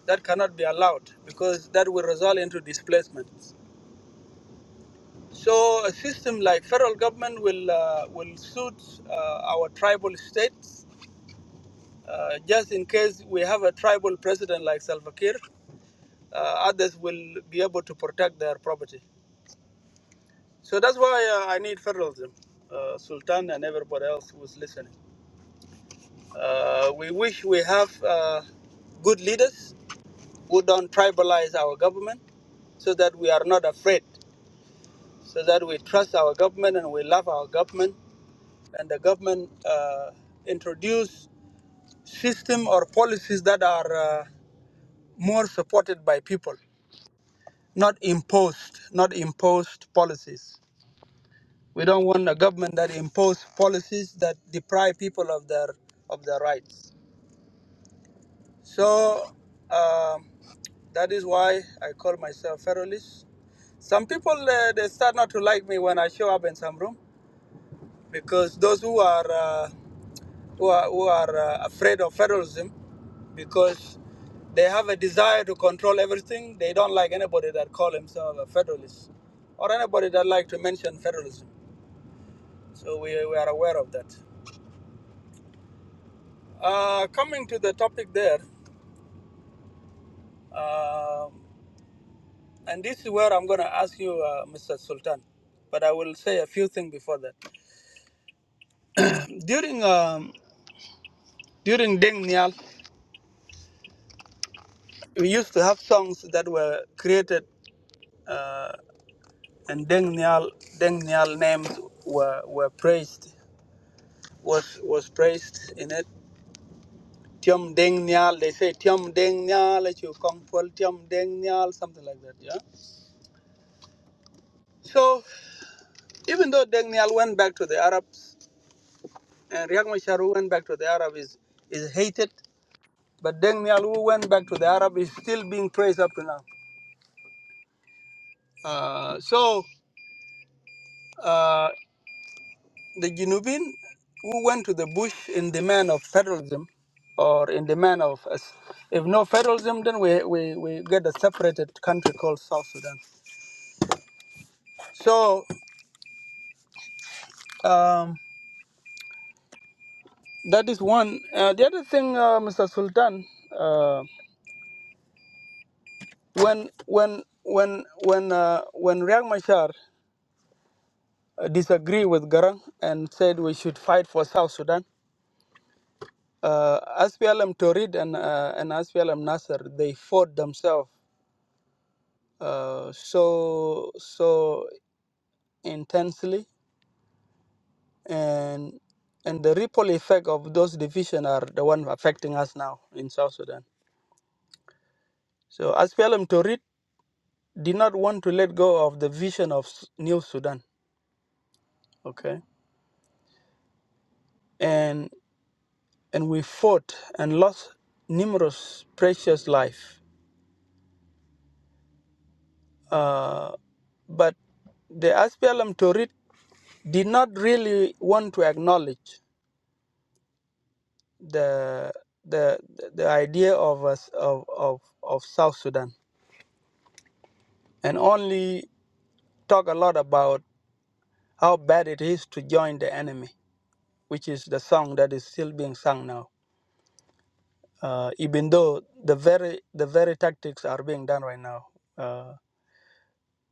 that cannot be allowed because that will result into displacements. So a system like federal government will uh, will suit uh, our tribal states. Uh, just in case we have a tribal president like Salva Kiir, uh, others will be able to protect their property. So that's why uh, I need federalism, uh, Sultan and everybody else who's listening. Uh, we wish we have uh, good leaders who don't tribalize our government so that we are not afraid, so that we trust our government and we love our government. And the government uh, introduce system or policies that are uh, more supported by people, not imposed, not imposed policies. We don't want a government that impose policies that deprive people of their of their rights. So um, that is why I call myself federalist. Some people uh, they start not to like me when I show up in some room because those who are uh, who are, who are uh, afraid of federalism because they have a desire to control everything. They don't like anybody that call himself a federalist or anybody that like to mention federalism. So we, we are aware of that. Uh, coming to the topic there, um And this is where I'm going to ask you, uh, Mr. Sultan, but I will say a few things before that. [CLEARS THROAT] During um, during Deng Nial, we used to have songs that were created, uh, and Deng Nial, Deng Nial names were, were praised, was was praised in it. Tiom Deng Nial, they say Tiom Deng Nial, let you come Paul Tiom Deng Nial, something like that, yeah. So even though Deng Nial went back to the Arabs, and Riek Machar went back to the Arabs, is, is hated But Deng Nial, who went back to the Arab, is still being praised up to now. Uh, so uh, the Jinubin who went to the bush in demand of federalism or in demand of us. If no federalism, then we, we, we get a separated country called South Sudan. So um, that is one. Uh, the other thing, uh, Mr. Sultan, uh, when when when when uh, when Riek Machar uh, disagree with Garang and said we should fight for South Sudan, Uh, SPLM Torid and uh, and SPLM Nasser they fought themselves uh, so so intensely, and and the ripple effect of those divisions are the one affecting us now in South Sudan. So SPLM Torid did not want to let go of the vision of S- New Sudan. Okay, and and we fought and lost numerous precious life Uh, but the SPLM Torit did not really want to acknowledge the the the idea of us of, of of South Sudan and only talk a lot about how bad it is to join the enemy, which is the song that is still being sung now. Uh, even though the very the very tactics are being done right now, uh,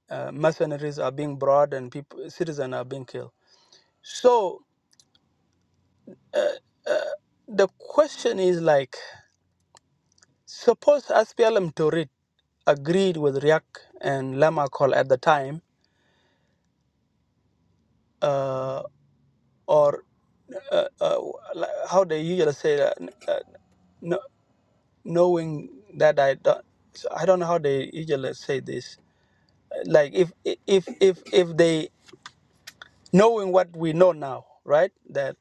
uh, mercenaries are being brought and people citizens are being killed. So Uh, uh, the question is like, suppose SPLM Torit agreed with Riak and Lamakol at the time, uh, or uh, uh, li- how they usually say that, n- uh, no, knowing that I don't, so I don't know how they usually say this. Like if if if if they knowing what we know now, right? That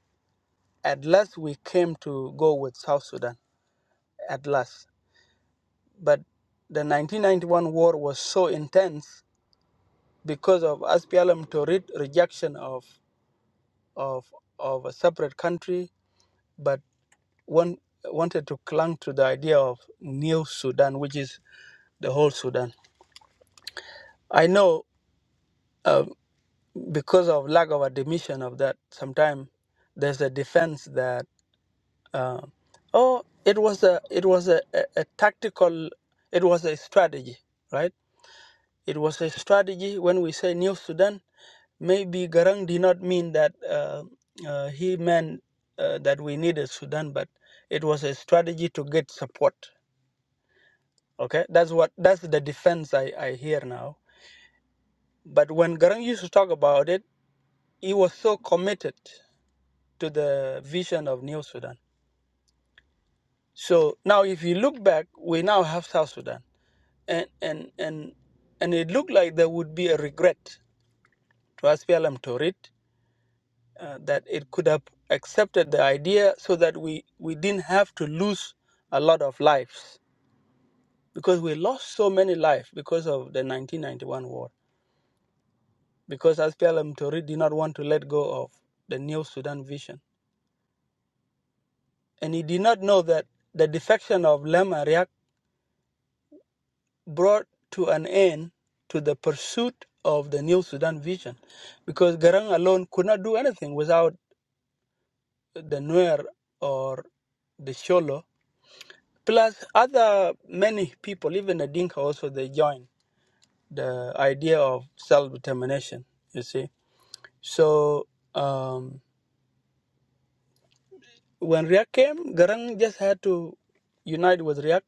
at last we came to go with South Sudan at last, but the 1991 war was so intense because of SPLM to read rejection of of of a separate country, but one wanted to clung to the idea of new Sudan, which is the whole Sudan. I know uh, because of lack of admission of that, sometimes there's a defense that uh, oh, it was a it was a, a, a tactical, it was a strategy, right? It was a strategy when we say New Sudan, maybe Garang did not mean that uh, uh, he meant uh, that we needed Sudan, but it was a strategy to get support. Okay, that's what that's the defense I, I hear now. But when Garang used to talk about it, he was so committed to the vision of New Sudan. So now, if you look back, we now have South Sudan, and and and and it looked like there would be a regret to SPLM Torit uh, that it could have accepted the idea so that we, we didn't have to lose a lot of lives because we lost so many lives because of the 1991 war because Aspialam Tori did not want to let go of the new Sudan vision and he did not know that the defection of Lem Ariak brought to an end to the pursuit of the new Sudan vision because Garang alone could not do anything without the Nuer or the Sholo Plus, other many people, even the Dinka also, they join the idea of self-determination, you see. So um, when Riak came, Garang just had to unite with Riak.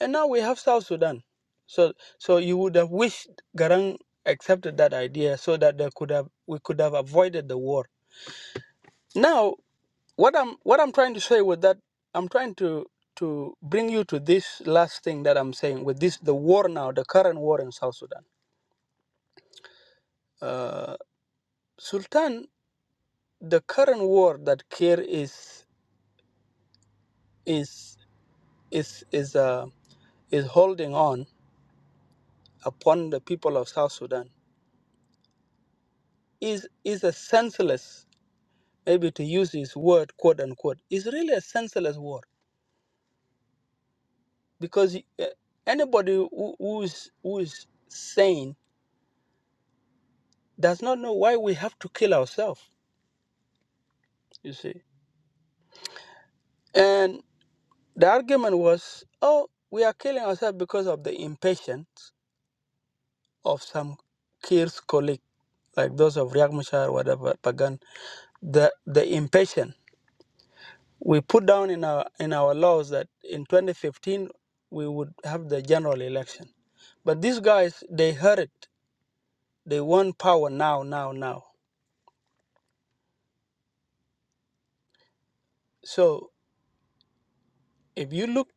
And now we have South Sudan. So so you would have wished Garang accepted that idea so that they could have we could have avoided the war. Now, what I'm what I'm trying to say with that, I'm trying to to bring you to this last thing that I'm saying with this the war now, the current war in South Sudan Uh, Sultan, the current war that Kir is is is is uh, is holding on upon the people of South Sudan is is a senseless, maybe to use his word, quote unquote, is really a senseless war because uh, anybody who, who's who's sane does not know why we have to kill ourselves. You see, and the argument was, oh, we are killing ourselves because of the impatience of some Kir's colleague, like those of Riek Machar, whatever, Pagan, the, the impatient. We put down in our, in our laws that in 2015 we would have the general election. But these guys, they heard it. They want power now, now, now. So if you look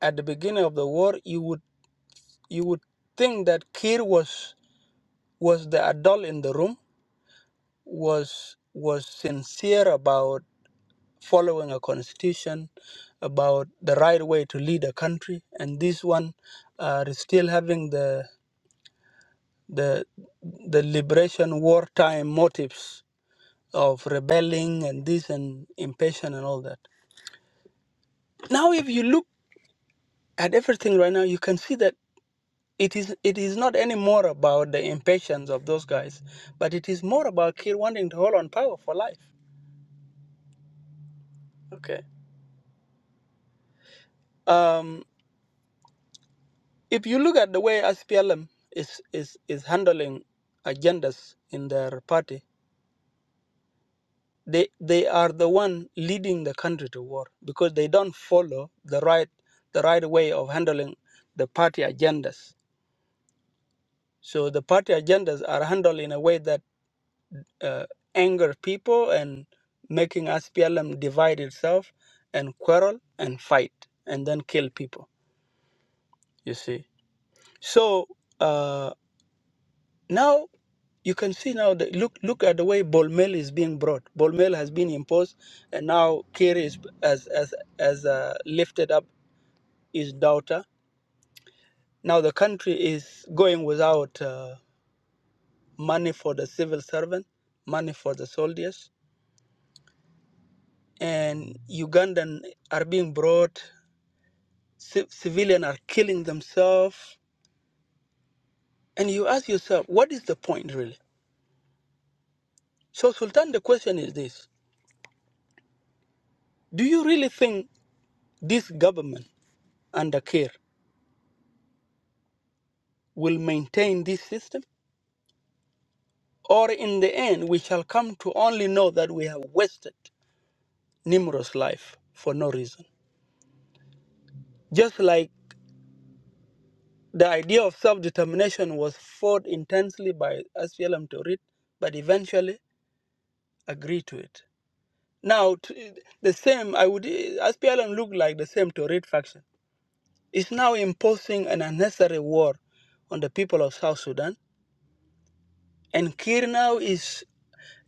at the beginning of the war, you would you would think that Kir was was the adult in the room, was was sincere about following a constitution about the right way to lead a country, and this one are still having the the the liberation wartime motives of rebelling and this and impatience and all that. Now, if you look at everything right now, you can see that it is it is not anymore about the impatience of those guys, but it is more about Kir wanting to hold on power for life. Okay. Um. If you look at the way SPLM is, is, is handling agendas in their party, they, they are the one leading the country to war because they don't follow the right, the right way of handling the party agendas. So the party agendas are handled in a way that uh, anger people and making SPLM divide itself and quarrel and fight and then kill people, you see. So uh, Now you can see now that look look at the way Bolmel is being brought. Bolmel has been imposed, and now Kir is as as as uh, lifted up his daughter. Now the country is going without uh, money for the civil servant, money for the soldiers, and Ugandan are being brought. Ci- civilian are killing themselves, and you ask yourself, what is the point really? So Sultan, the question is this: Do you really think this government under Kir? will maintain this system, or in the end, we shall come to only know that we have wasted Nimrod's life for no reason. Just like the idea of self determination was fought intensely by SPLM to but eventually agreed to it. Now, t- the same, I would, SPLM looked like the same Torit faction. It's now imposing an unnecessary war on the people of South Sudan. And Kir now is,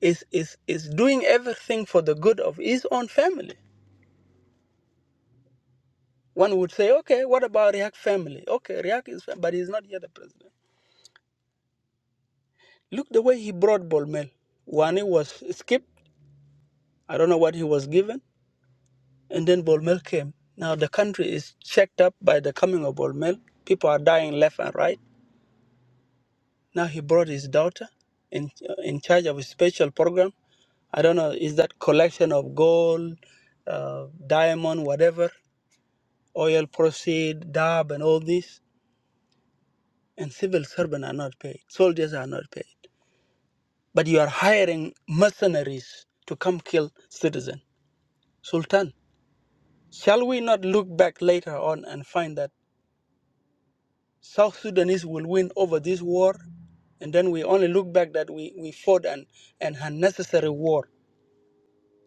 is, is, is doing everything for the good of his own family. One would say, okay, what about Riak family? Okay, Riak is, fam- but he's not yet the president. Look the way he brought Bolmel. Wani was skipped. I don't know what he was given. And then Bolmel came. Now the country is checked up by the coming of Bolmel. People are dying left and right. Now he brought his daughter in, uh, in charge of a special program. I don't know, is that collection of gold, uh, diamond, whatever, oil proceed, dab, and all this? And civil servants are not paid, soldiers are not paid. but you are hiring mercenaries to come kill citizen. Sultan, shall we not look back later on and find that South Sudanese will win over this war? And then we only look back that we, we fought an, an unnecessary war.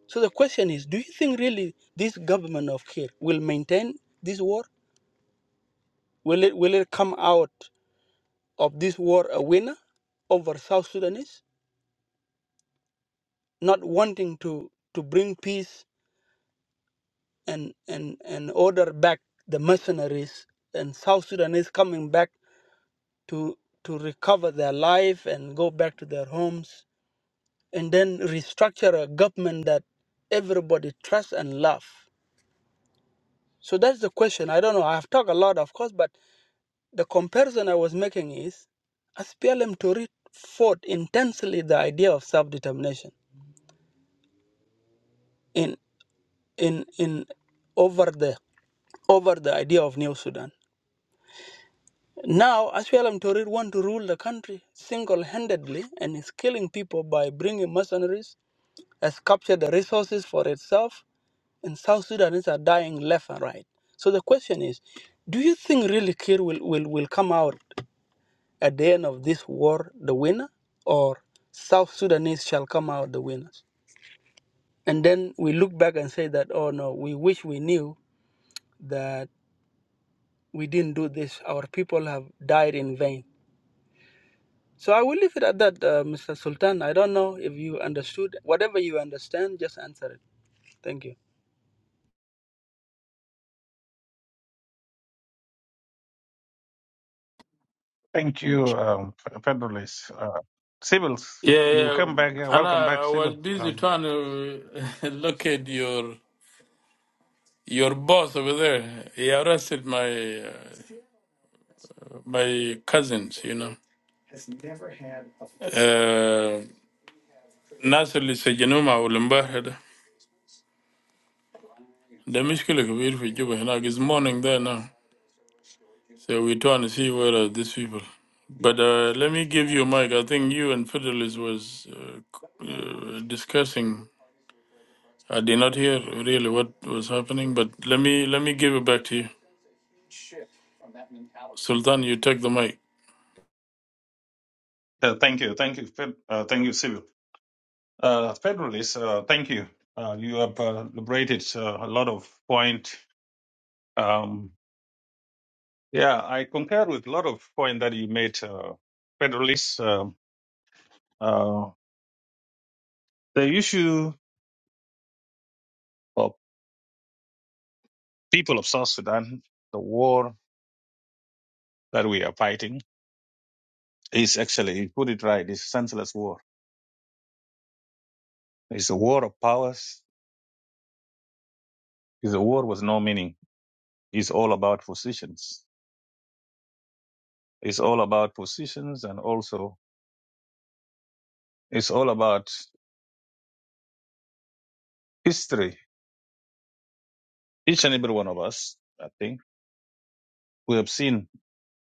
So the question is, do you think really this government of Kir will maintain this war? Will it will it come out of this war a winner over South Sudanese? Not wanting to, to bring peace and, and, and order back the mercenaries and South Sudanese coming back to, to recover their life and go back to their homes and then restructure a government that everybody trusts and love. So that's the question. I don't know. I've talked a lot, of course, but the comparison I was making is as PLM Tory fought intensely the idea of self-determination in in in over the over the idea of New Sudan. Now, Ashwellam Torir want to rule the country single-handedly and is killing people by bringing mercenaries, has captured the resources for itself, and South Sudanese are dying left and right. So the question is, do you think really Kir will, will, will come out at the end of this war the winner, or South Sudanese shall come out the winners? And then we look back and say that, oh no, we wish we knew that we didn't do this. Our people have died in vain. So I will leave it at that, uh, Mr. Sultan. I don't know if you understood. Whatever you understand, just answer it. Thank you. thank Yeah, you um petrol is uh, civils you yeah. come back yeah And welcome back I, I was civil busy um trying to [LAUGHS] locate your your boss over there. He arrested my uh, my cousins, you know. Uh, Nasir Lisajanuma Ulimbahada. The Mishkila Kabir for Juba, and it's morning there now. So we're trying to see where are these people. But uh, let me give you, Mike. I think you and Fidelis was uh, c- uh, discussing. I did not hear really what was happening, but let me let me give it back to you, Sultan. You take the mic. uh, thank you thank you Pet- uh, thank you civil Uh, Federalists, uh, thank you. Uh, you have uh, liberated uh, a lot of point. Um, yeah, I concur with a lot of point that you made, uh, Federalists. Um uh, the issue of people of South Sudan, the war that we are fighting, is actually, you put it right, it's senseless war. It's a war of powers. It's a war with no meaning. It's all about positions. It's all about positions and also it's all about history Each and every one of us, I think, we have seen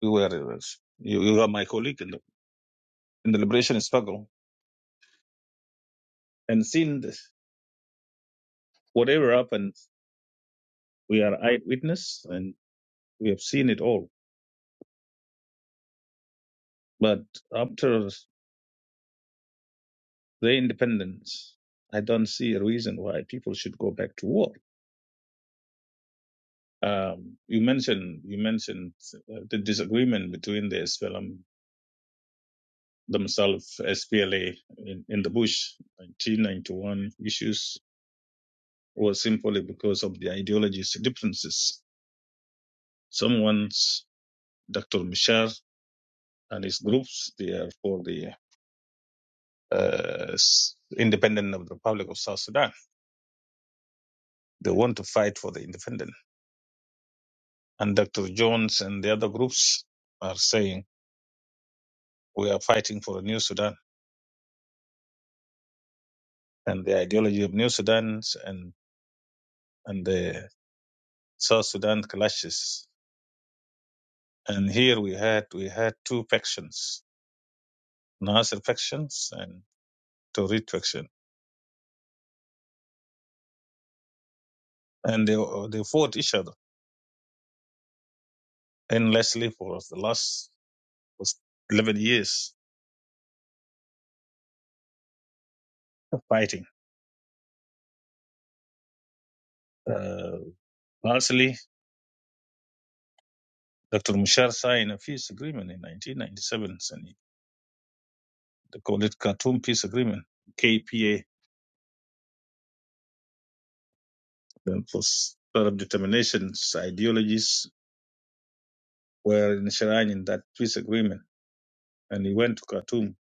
we were you, you are my colleague in the, in the liberation struggle and seen this, whatever happened. We are eyewitness and we have seen it all. But after the independence, I don't see a reason why people should go back to war. Um, you mentioned you mentioned uh, the disagreement between the SPLM themselves, SPLA in, in the Bush 1991 issues was simply because of the ideologies differences. Someone's Dr. Mishar and his groups, they are for the uh, s- of the Republic of South Sudan. They want to fight for the independent. And Dr. Jones and the other groups are saying we are fighting for a new Sudan. And the ideology of New Sudan and and the South Sudan clashes. And here we had we had two factions, Nasser factions and Torit faction, and they they fought each other endlessly for the last 11 years of fighting. Uh, lastly, Dr. Mushar signed a peace agreement in 1997, and they called it Khartoum Peace Agreement, KPA. That was sort of determinations, ideologies were enshrined in that peace agreement, and he went to Khartoum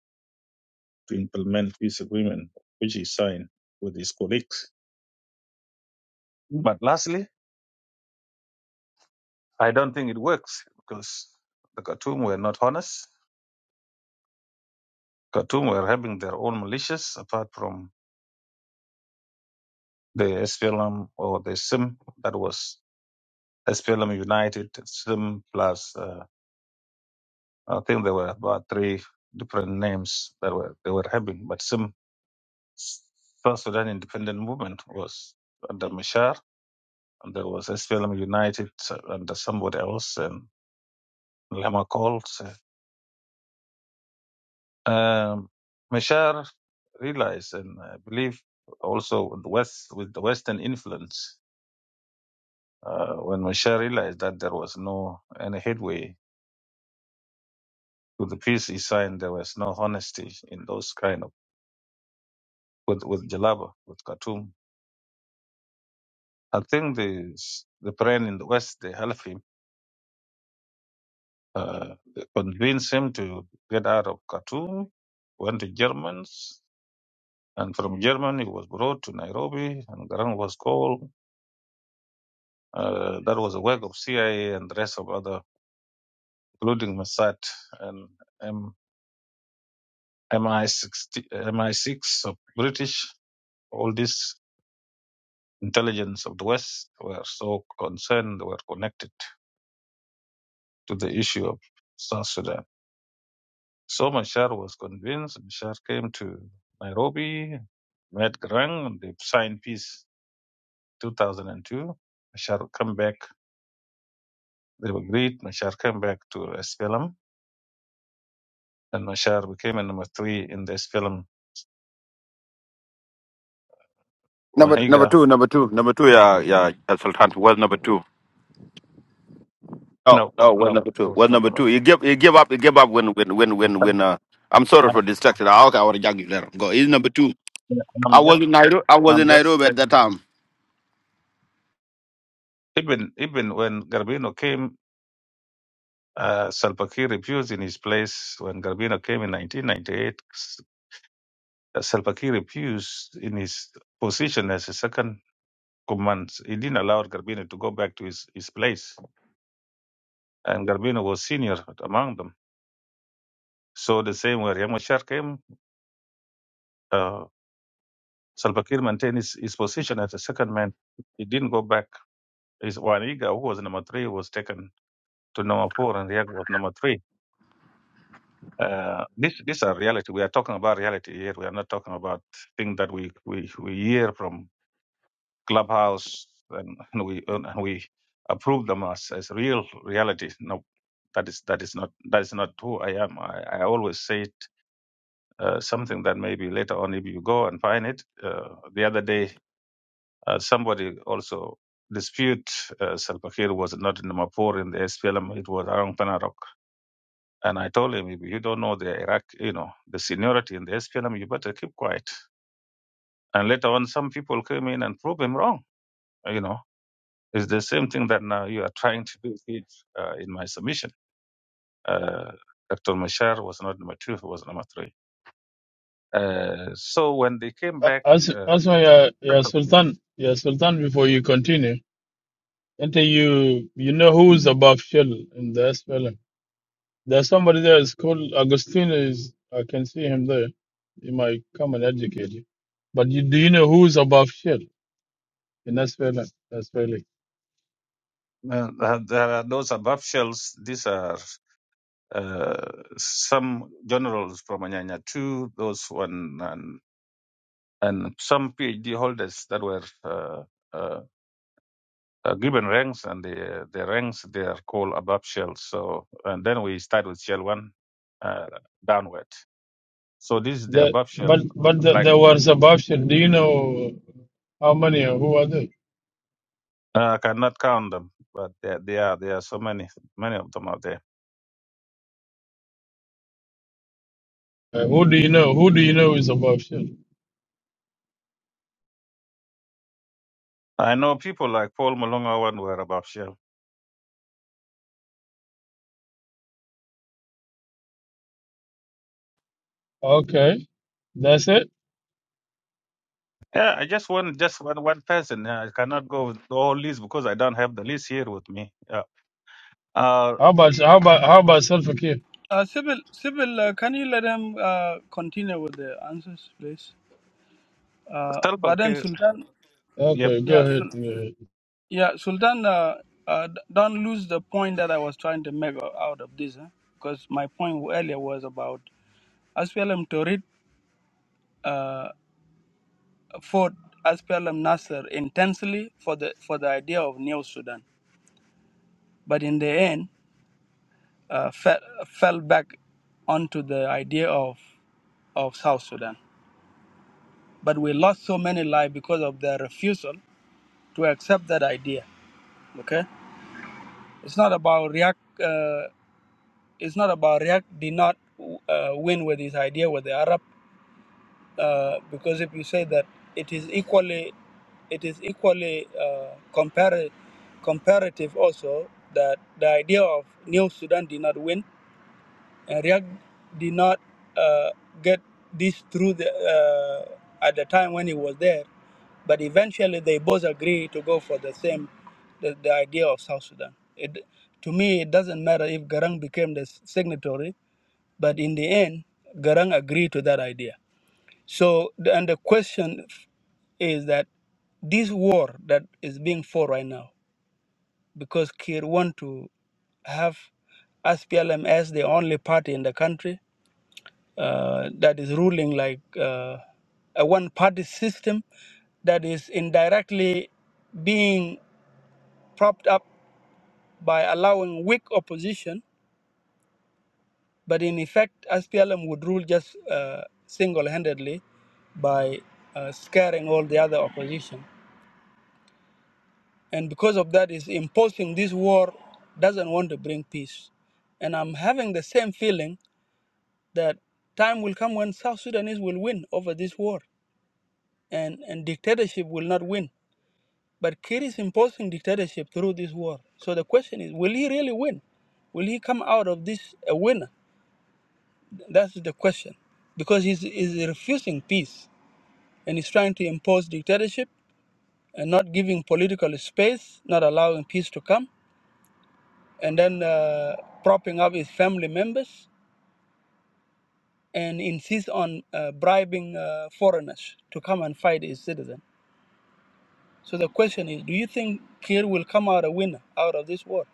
to implement peace agreement, which he signed with his colleagues. But lastly, I don't think it works because the Khartoum were not honest Khartoum were having their own militias apart from the SPLM or the SIM that was SPLM United, SIM plus, uh, I think there were about three different names that were they were having, but SIM, South Sudan Independent Movement was under Mashar, and there was SPLM United uh, under somebody else, and Lama calls. Um, Mashar realized and I believe also with the West, with the Western influence Uh, when Moshe realized that there was no any headway to the peace he signed, there was no honesty in those kind of with with Jalaba, with Khartoum. I think the the friend in the West they helped him, uh, they convinced him to get out of Khartoum, went to Germans, and from Germany he was brought to Nairobi, and Garang was called. Uh, that was a work of CIA and the rest of other, including Mossad and M- MI6 MI6 of British all this intelligence of the West were so concerned, were connected to the issue of South Sudan. So Machar was convinced. Machar came to Nairobi, met Garang, and they signed peace 2002. Machar came back. They agreed. Machar came back to SPLM, and Machar became a number three in the SPLM. Number number Waniga, two, number two, number two. Yeah, yeah. El Sultan was number two. Oh, no, oh, was no, number it two. was Was not number number. two. You give, you give up, you give up. When, when, when, when, I- when. Uh, I'm sorry for distracting. I okay, I want to you later. Go. He's number two. I am just, was in Nairobi. I was I'm in just Nairobi telling at that you. time. even even when Garbino came Uh, Salva Kiir refused in his place when Garbino came in 1998. S- Salva Kiir refused in his position as a second command. He didn't allow Garbino to go back to his, his place, and Garbino was senior among them. So the same way Yamashar came, uh, Salva Kiir maintained his, his position as a second man. He didn't go back. His Waniga, who was number three, was taken to number four, and Riek was number three. Uh, this these are reality. We are talking about reality here. We are not talking about things that we we, we hear from clubhouse and, and we and we approve them as, as real reality. No, that is that is not that is not who I am. I, I always say it, uh, something that maybe later on if you go and find it. Uh, the other day, uh, somebody also dispute uh, Salva Kiir was not in the Mapur in the SPLM. It was Arang Panarok. And I told him, if you don't know the Iraq, you know, the seniority in the SPLM, you better keep quiet. And later on, some people came in and proved him wrong. You know, it's the same thing that now you are trying to do here uh, in my submission. Uh, Dr. Mashar was not number two, he was number three. Uh, so when they came Uh, back, As uh, as my uh, yeah, Sultan, yeah, Sultan. Before you continue, until you you know who's above Shell in the SPLM. There's somebody there. It's called Agostino. Is I can see him there. He might come and educate you. But you, do you know who's above Shell? in Venezuela. That's really uh, there are those above shells. These are uh, some generals from Anyanya 2, those one, and, and some PhD holders that were. Uh, uh, uh, given ranks and the the ranks they are called above shells. So and then we start with shell one uh, downward. So this is the that. above shell. But but the, Like there was a Do you know how many? or Who are they? uh, I cannot count them, but there they are there are so many many of them out there. Uh, who do you know? Who do you know is a I know people like Paul Malonga one were above shell. Okay, that's it. Yeah, I just want just one one person. Yeah, I cannot go with the whole list because I don't have the list here with me. Yeah. Uh, How about how about how about self care? Uh, Sybil, Sybil, uh, can you let him uh, continue with the answers, please? Uh, Salva but then Kiir. Sultan, Yep. Okay, go yeah, Sul- ahead. go ahead. yeah, Sultan, uh, uh, d- don't lose the point that I was trying to make o- out of this, because my point earlier was about Aspelam Torit uh, fought SPLM Nasser intensely for the for the idea of New Sudan, but in the end. uh, fell, fell back onto the idea of, of South Sudan. But we lost so many lives because of their refusal to accept that idea. Okay, it's not about React. Uh, it's not about React did not uh, win with his idea with the Arab, uh, because if you say that it is equally, it is equally uh, compar- comparative also that the idea of New Sudan did not win Uh, React did not uh, get this through the, uh, at the time when he was there, but eventually they both agreed to go for the same, the, the idea of South Sudan. It, to me, it doesn't matter if Garang became the s- signatory, but in the end, Garang agreed to that idea. So, the- and the question is that this war that is being fought right now, because Kir want to have SPLM as the only party in the country, uh, that is ruling like uh, a one party system that is indirectly being propped up by allowing weak opposition, but in effect, SPLM would rule just uh, single handedly by uh, scaring all the other opposition. And because of that, is imposing this war doesn't want to bring peace. And I'm having the same feeling that time will come when South Sudanese will win over this war and, and dictatorship will not win But Kir is imposing dictatorship through this war. So the question is, will he really win? Will he come out of this a winner? That's the question. Because he's, he's refusing peace and he's trying to impose dictatorship and not giving political space, not allowing peace to come, and then uh, propping up his family members and insist on uh, bribing uh, foreigners to come and fight his citizen. So the question is, do you think Kir will come out a winner out of this war?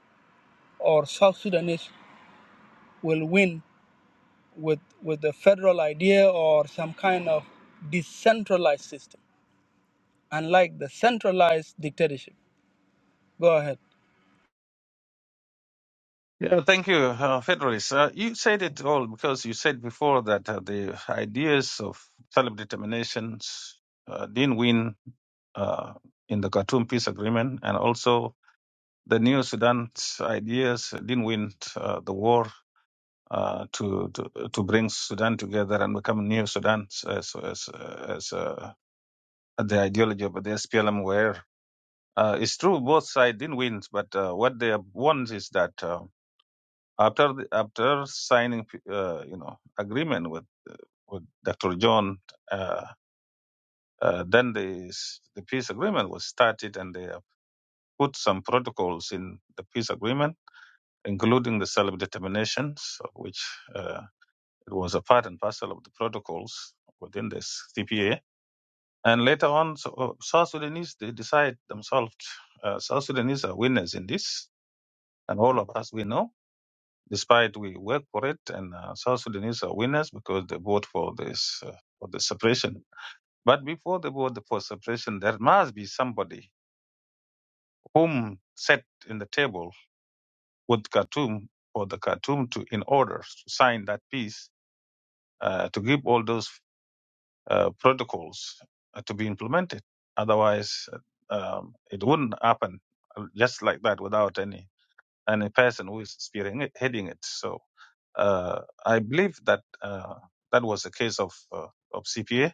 Or South Sudanese will win with with the federal idea or some kind of decentralized system, unlike the centralized dictatorship. Go ahead. Yeah, thank you, uh, Federalist. Uh, you said it all because you said before that uh, the ideas of self-determinations uh, didn't win uh, in the Khartoum peace agreement, and also the New Sudan's ideas didn't win uh, the war uh, to, to to bring Sudan together and become New Sudan, as as, as uh, the ideology of the SPLM were. Uh, it's true both sides didn't win, but uh, what they have won is that. Uh, after the, after signing uh, you know agreement with with Dr. John, uh, uh, then the s- the peace agreement was started, and they have put some protocols in the peace agreement, including the self determinations, of which uh, it was a part and parcel of the protocols within this CPA. And later on, so, uh, South Sudanese they decide themselves. Uh, South Sudanese are winners in this, and all of us we know Despite we work for it, and uh, South Sudanese are winners because they vote for this uh, for the separation. But before they vote for separation, there must be somebody whom set in the table with Khartoum for the Khartoum to, in order to sign that peace, uh, to give all those uh, protocols uh, to be implemented. Otherwise, uh, um, it wouldn't happen uh, just like that without any any person who is spearheading it. So Uh, I believe that uh, that was the case of uh, of CPA.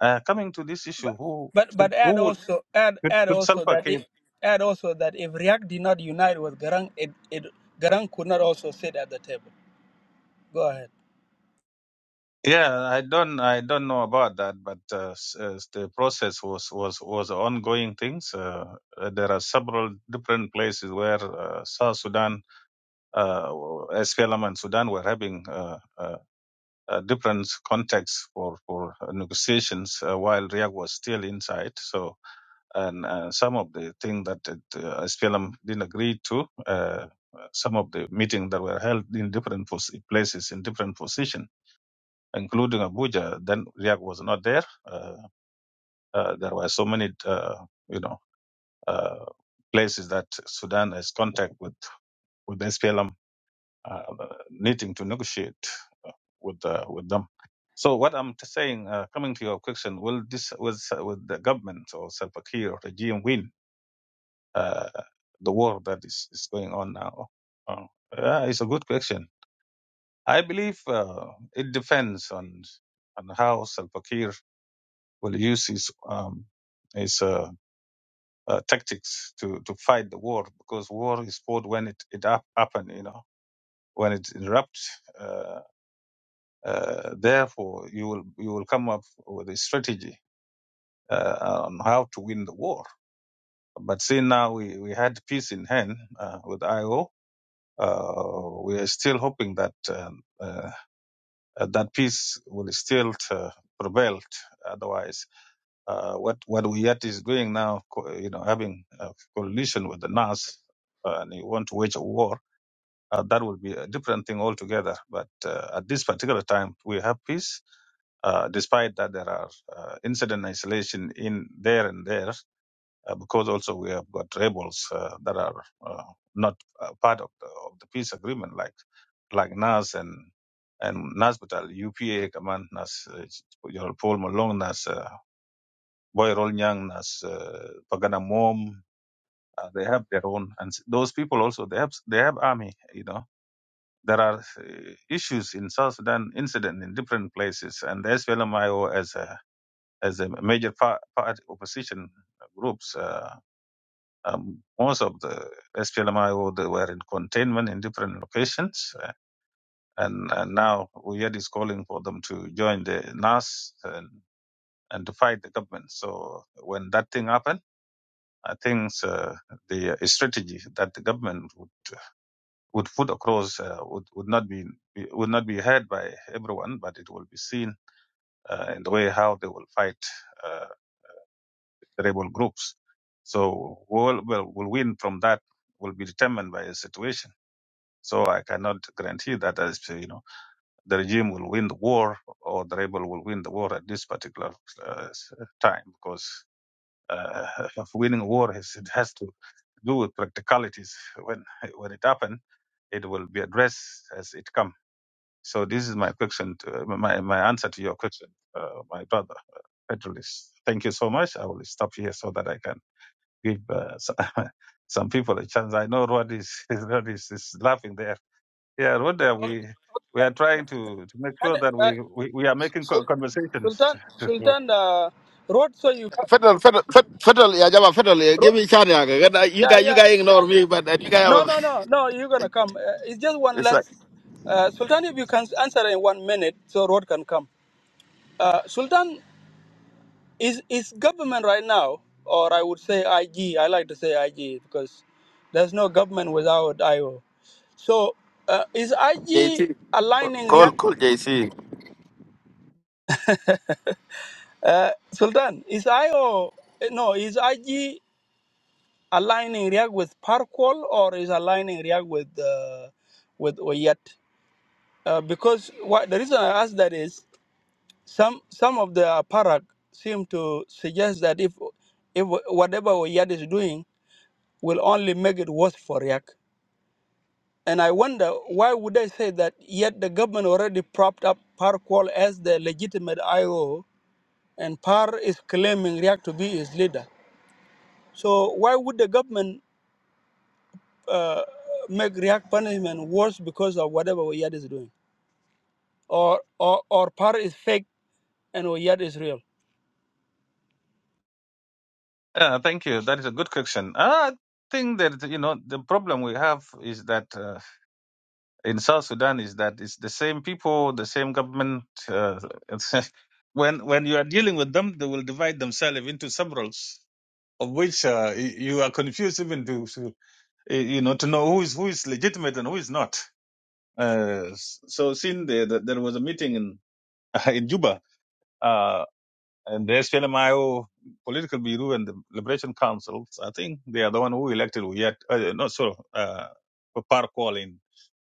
Uh, coming to this issue, who But should, but who add would also add should, add should also Salva that Kiir? it, add also that if React did not unite with Garang, it, it Garang could not also sit at the table. Go ahead. Yeah, I don't I don't know about that, but uh, s- uh, the process was was was ongoing things. Uh, uh, there are several different places where uh, South Sudan, uh, SPLM and Sudan were having uh, uh, uh, different contexts for for negotiations uh, while Riek was still inside. So and uh, some of the things that uh, SPLM didn't agree to, uh, some of the meetings that were held in different pos- places, in different positions, including Abuja. Then Riak was not there. Uh, uh, there were so many, uh, you know, uh, places that Sudan has contact with with SPLM, uh, needing to negotiate uh, with uh, with them. So what I'm t- saying, uh, coming to your question, will this was with the government or Salva Kiir regime win? uh, the war that is, is going on now? Uh, yeah, it's a good question. I believe uh, it depends on on how Salva Kiir will use his um, his uh, uh, tactics to, to fight the war because war is fought when it it up, happen, you know, when it erupts. Uh, uh, therefore, you will you will come up with a strategy uh, on how to win the war. But see now we, we had peace in hand uh, with IO Uh, we are still hoping that uh, uh, that peace will still uh, prevail. Otherwise, uh, what what Wiyat is doing now, co- you know, having a coalition with the NAS, uh, and you want to wage a war, uh, that will be a different thing altogether. But uh, at this particular time, we have peace uh, despite that there are uh, incident isolation in there and there, uh, because also we have got rebels uh, that are uh, not uh, part of the, of the peace agreement, like like NAS and and NAS batal UPA command NAS uh, General Paul Malong NAS uh, Boy Rol Nyang NAS uh, Pagana Mom. Uh, they have their own, and s- those people also they have they have army. You know there are uh, issues in South Sudan, incident in different places, and the SPLMIO as a as a major part, part opposition groups. Uh, Um, most of the SPLMIO they were in containment in different locations, uh, and, and now Uyed is calling for them to join the NAS and, and to fight the government. So when that thing happened, I think uh, the strategy that the government would would put across uh, would would not be would not be heard by everyone, but it will be seen uh, in the way how they will fight uh, the rebel groups. So, will will will win from that will be determined by the situation So I cannot guarantee that as you know the regime will win the war or the rebel will win the war at this particular uh, s- time because uh, [LAUGHS] of winning war is, it has to do with practicalities. When when it happens, it will be addressed as it come. So this is my question, to, my my answer to your question, uh, my brother Petrolis. Thank you so much. I will stop here so that I can give uh, [LAUGHS] some people a chance. I know Rod is [LAUGHS] Rod is, is laughing there yeah, what are Okay. we we are trying to, to make And, sure that uh, we, we, we are making co- Sul- conversations. Sultan [LAUGHS] Sultan uh, wrote so you ca- Federal, federal, fed- federal. Yeah, Jama, federal. Yeah, give wrote, me chance. yeah, okay. uh, You yeah guys, you yeah guys ignore me, but uh, you guys have. No, A... [LAUGHS] no, no, no. You're gonna come. Uh, it's just one It's like less. Uh, Sultan, if you can answer in one minute, so Rod can come. Uh, Sultan is is government right now, or I would say IG. I like to say IG because there's no government without IO. So uh, is IG JC. aligning Call, React? call JC. Uh, Sultan, is IO eh, no? Is IG aligning React with Parkwall or is aligning React with uh, with Oyet? Uh, because what the reason I ask that is Some some of the parak seem to suggest that if if whatever Oyad is doing will only make it worse for Riak. And I wonder why would they say that yet the government already propped up Par Kwal as the legitimate IO and Par is claiming Riak to be his leader. So why would the government uh, make Riak punishment worse because of whatever Oyad is doing? Or or or Par is fake and Oyad is real. yeah, thank you. That is a good question. I think that you know the problem we have is that uh, in South Sudan is that it's the same people, the same government. Uh, it's- [LAUGHS] when when you are dealing with them, they will divide themselves into severals, of which uh, y- you are confused even to, to uh, you know to know who is who is legitimate and who is not. Uh, s- so, since there there was a meeting in [LAUGHS] in Juba Uh, and the SPLMIO Political Bureau and the Liberation Council, I think they are the one who elected Uyat, uh, not sure, uh, Parkwall in,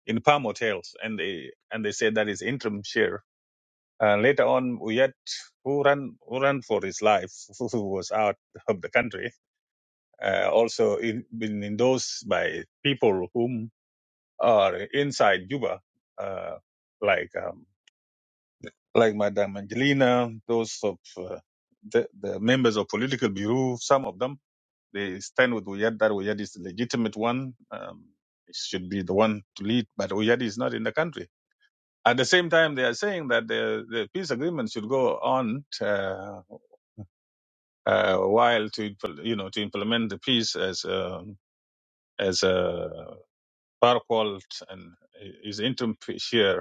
in Palm Hotels. And they, and they said that is interim chair. Uh, later on, Uyat, who ran, who ran for his life, who who was out of the country, uh, also in, been endorsed by people whom are inside Juba, uh, like um, like Madame Angelina, those of uh, the, the members of political bureau, some of them, they stand with Uyad that Uyad is the legitimate one. Um, he should be the one to lead, but Uyad is not in the country. At the same time, they are saying that the, the peace agreement should go on uh, uh, while to impl- you know to implement the peace as um as uh, Barkwald and his interim chair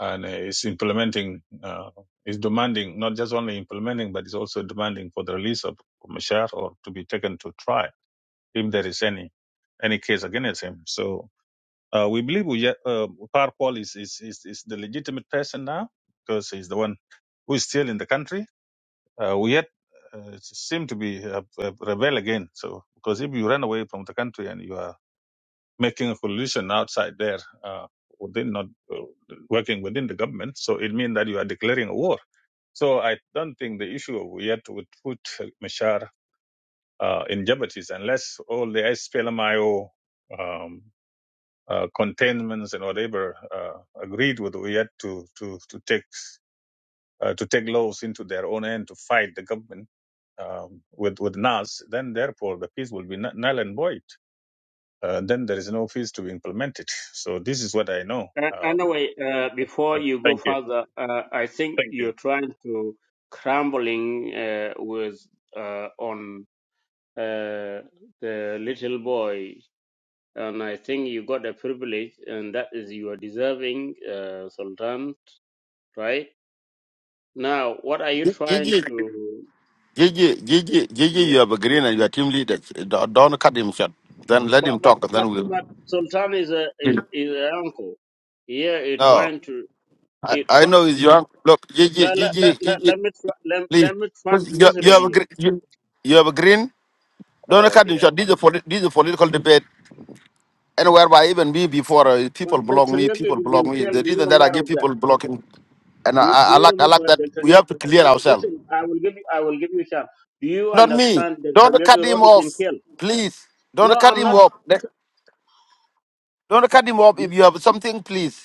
and is implementing, uh, is demanding not just only implementing, but is also demanding for the release of Mashar or to be taken to trial if there is any any case against him. So uh, we believe Uja- uh, Parkwal is, is is is the legitimate person now because he's the one who is still in the country. Uh, we yet uh, seem to be uh, uh, rebel again. So because if you run away from the country and you are making a coalition outside there uh, within not uh, working within the government. So it means that you are declaring a war. So I don't think the issue of yet would put uh, Mashar uh, in jeopardy unless all the SPLMIO um, uh, containments and whatever uh, agreed with Uyet to to to take uh, to take laws into their own hand to fight the government um, with with NAS, then therefore the peace will be null and void uh, then there is no fees to be implemented. So this is what I know. And Um, anyway, uh, before you go thank you. further, uh, I think Thank you. you're trying to crumbling uh, with uh, on uh, the little boy, and I think you got a privilege, and that is you are deserving, uh, Sultan. Right now, what are you trying Gigi, to? Gigi, Gigi, Gigi. Yeah, You have a yeah. green and you are team leader. Don't don't cut him short. Then let But him but talk. and but Then but we'll. Sultan is a is is an uncle. Yeah, you're No, trying to. I, It I try, know it's your uncle. Look, Gigi, let, let, Gigi, let, let, Gigi, let me try, let, please. let me try to 'Cause You, listen you have a here green. You, you have a green. Don't Oh cut him dear. short. This is a, polit- this is a political debate. And whereby even me before, uh, But people block Dr. me, Yag, people you block been me. The killed. Do you reason that I aware give of that? people blocking, and I, Do, I, do I you like, I like remember that Dr. we Yag? have to clear No, ourselves. listen, I will give you, I will give you a chance. Do you Not me. understand Dr. Don't Yag cut him Road has off, been killed? please. No, Don't cut I'm him not. off. Let- Don't cut him off. If you have something, please.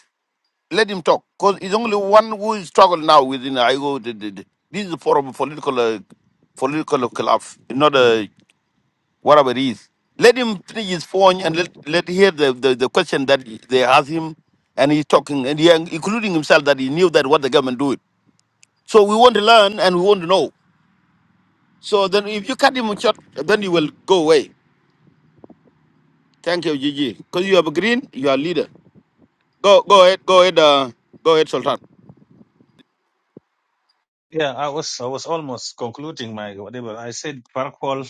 Let him talk, because it's only one who is struggle now within IGO. The, the, the, this is for a political, uh, political collapse, not a whatever it is. Let him finish his phone and let let hear the, the, the question that they ask him, and he's talking and he, including himself that he knew that what the government do it. So we want to learn and we want to know. So then, if you cut him short, then he will go away. Thank you, Gigi. Because you have a green, you are leader. Go, go ahead, go ahead, uh, go ahead, Sultan. Yeah, I was I was almost concluding my whatever I said. Farquhar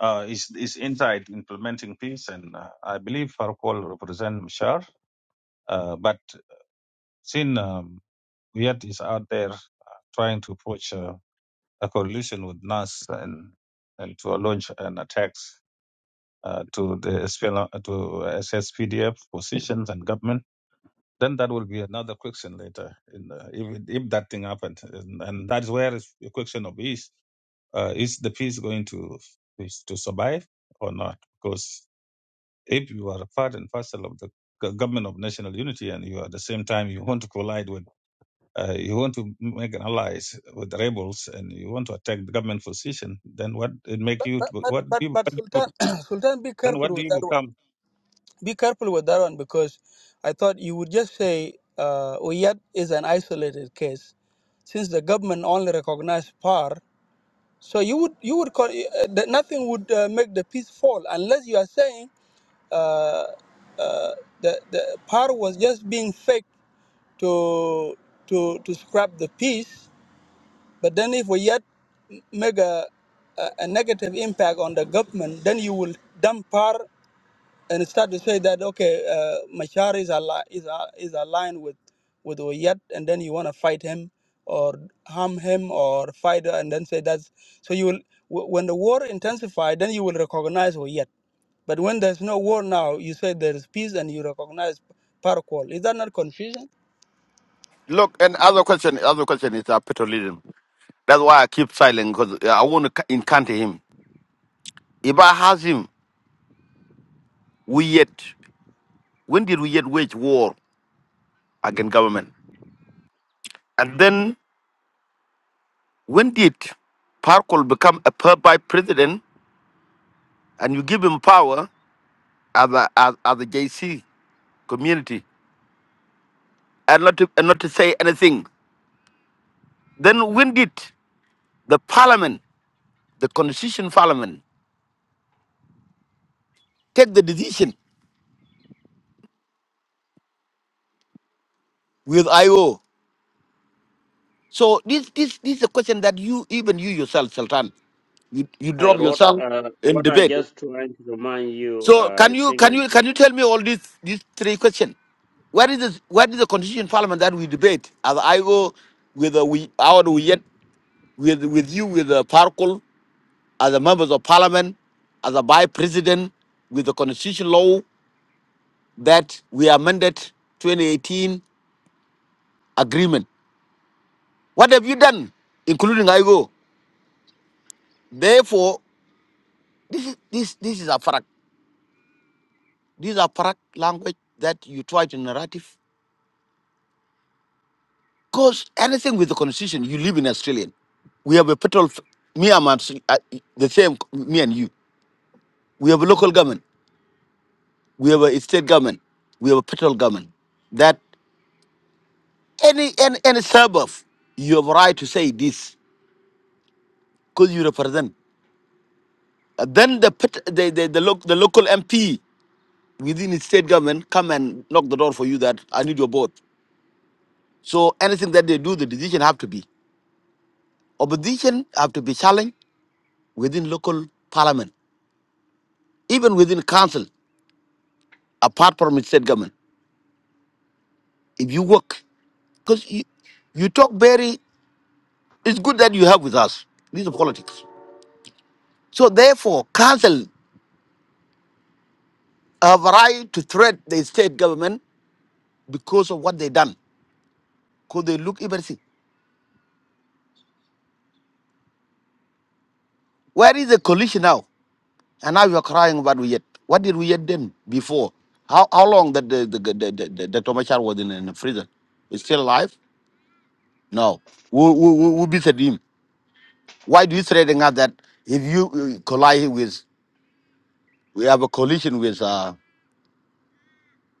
uh, is is inside implementing peace, and uh, I believe Farquhar represents Mashar. Uh, but since um, Viet is out there uh, trying to approach uh, a coalition with Nas and and to launch an attacks uh, to the SPL, to SSPDF positions and government. Then that will be another question later. In, uh, if if that thing happened, and, and that is where is the question of peace. Uh, is the peace going to is to survive or not? Because if you are a part and parcel of the go- government of national unity, and you are at the same time you want to collide with, uh, you want to make an allies with the rebels, and you want to attack the government position, then what it make you? But to- but What do but, you, but what do you Sultan [COUGHS] [CLEARS THROAT] Sultan be then careful what do with you that one. become? be careful with that one because I thought you would just say uh, Oyet is an isolated case, since the government only recognized PAR. So you would you would call, uh, that nothing would uh, make the peace fall unless you are saying uh, uh, the the PAR was just being faked to to to scrap the peace. But then if we yet make a a, a negative impact on the government, then you will dump power and start to say that okay, uh, Machar is ali- is a- is aligned with with Oyet, and then you want to fight him or harm him or fight, her and then say that's so you will wh- when the war intensifies, then you will recognize Oyet. But when there's no war now, you say there is peace and you recognize Paraqual. Is that not confusion? Look, and other question, other question is uh, petroleum. That's why I keep silent because I want to encounter him. If I ask him, we yet, when did we yet wage war against government? And then when did Parkol become a per by president and you give him power as a, as, as a JC community and not, to, and not to say anything? Then when did the parliament, the constitution parliament, take the decision with IO? So this, this, this is a question that you, even you yourself, Sultan, you, you Uh, drop Rod, yourself uh, in what I debate. just trying to remind you, uh, So can I you can think. you can you tell me all these these three questions? What is this, what is the constitution parliament that we debate? As I go with uh, we our we yet with with you with uh, Parkul as the members of parliament as a vice president with the constitution law that we amended 2018 agreement. What have you done, including IGO? Therefore, this this is a farak. This is a farak language that you try to narrative. Because anything with the constitution, you live in Australian. We have a petrol. f- Me, I'm Aust- uh, the same. Me and you. We have a local government. We have a state government. We have a petrol government. That any any, any suburb, you have a right to say this because you represent. Uh, then the pet, the the the, loc the local MP within the state government come and knock the door for you that I need your vote. So anything that they do, the decision have to be opposition have to be challenged within local parliament, even within council apart from the state government. If you work, because you, you talk very, it's good that you have with us. These are politics. So therefore, council have a right to threat the state government because of what they done. Because they look everything. Where is the coalition now? And now you are crying about we yet. What did we yet then before? How how long that the the the, the, the, the Tomachar was in, in prison? Is still alive? No. Who who who who beat him? Why do you threaten us that if you uh, collide with we have a coalition with? uh,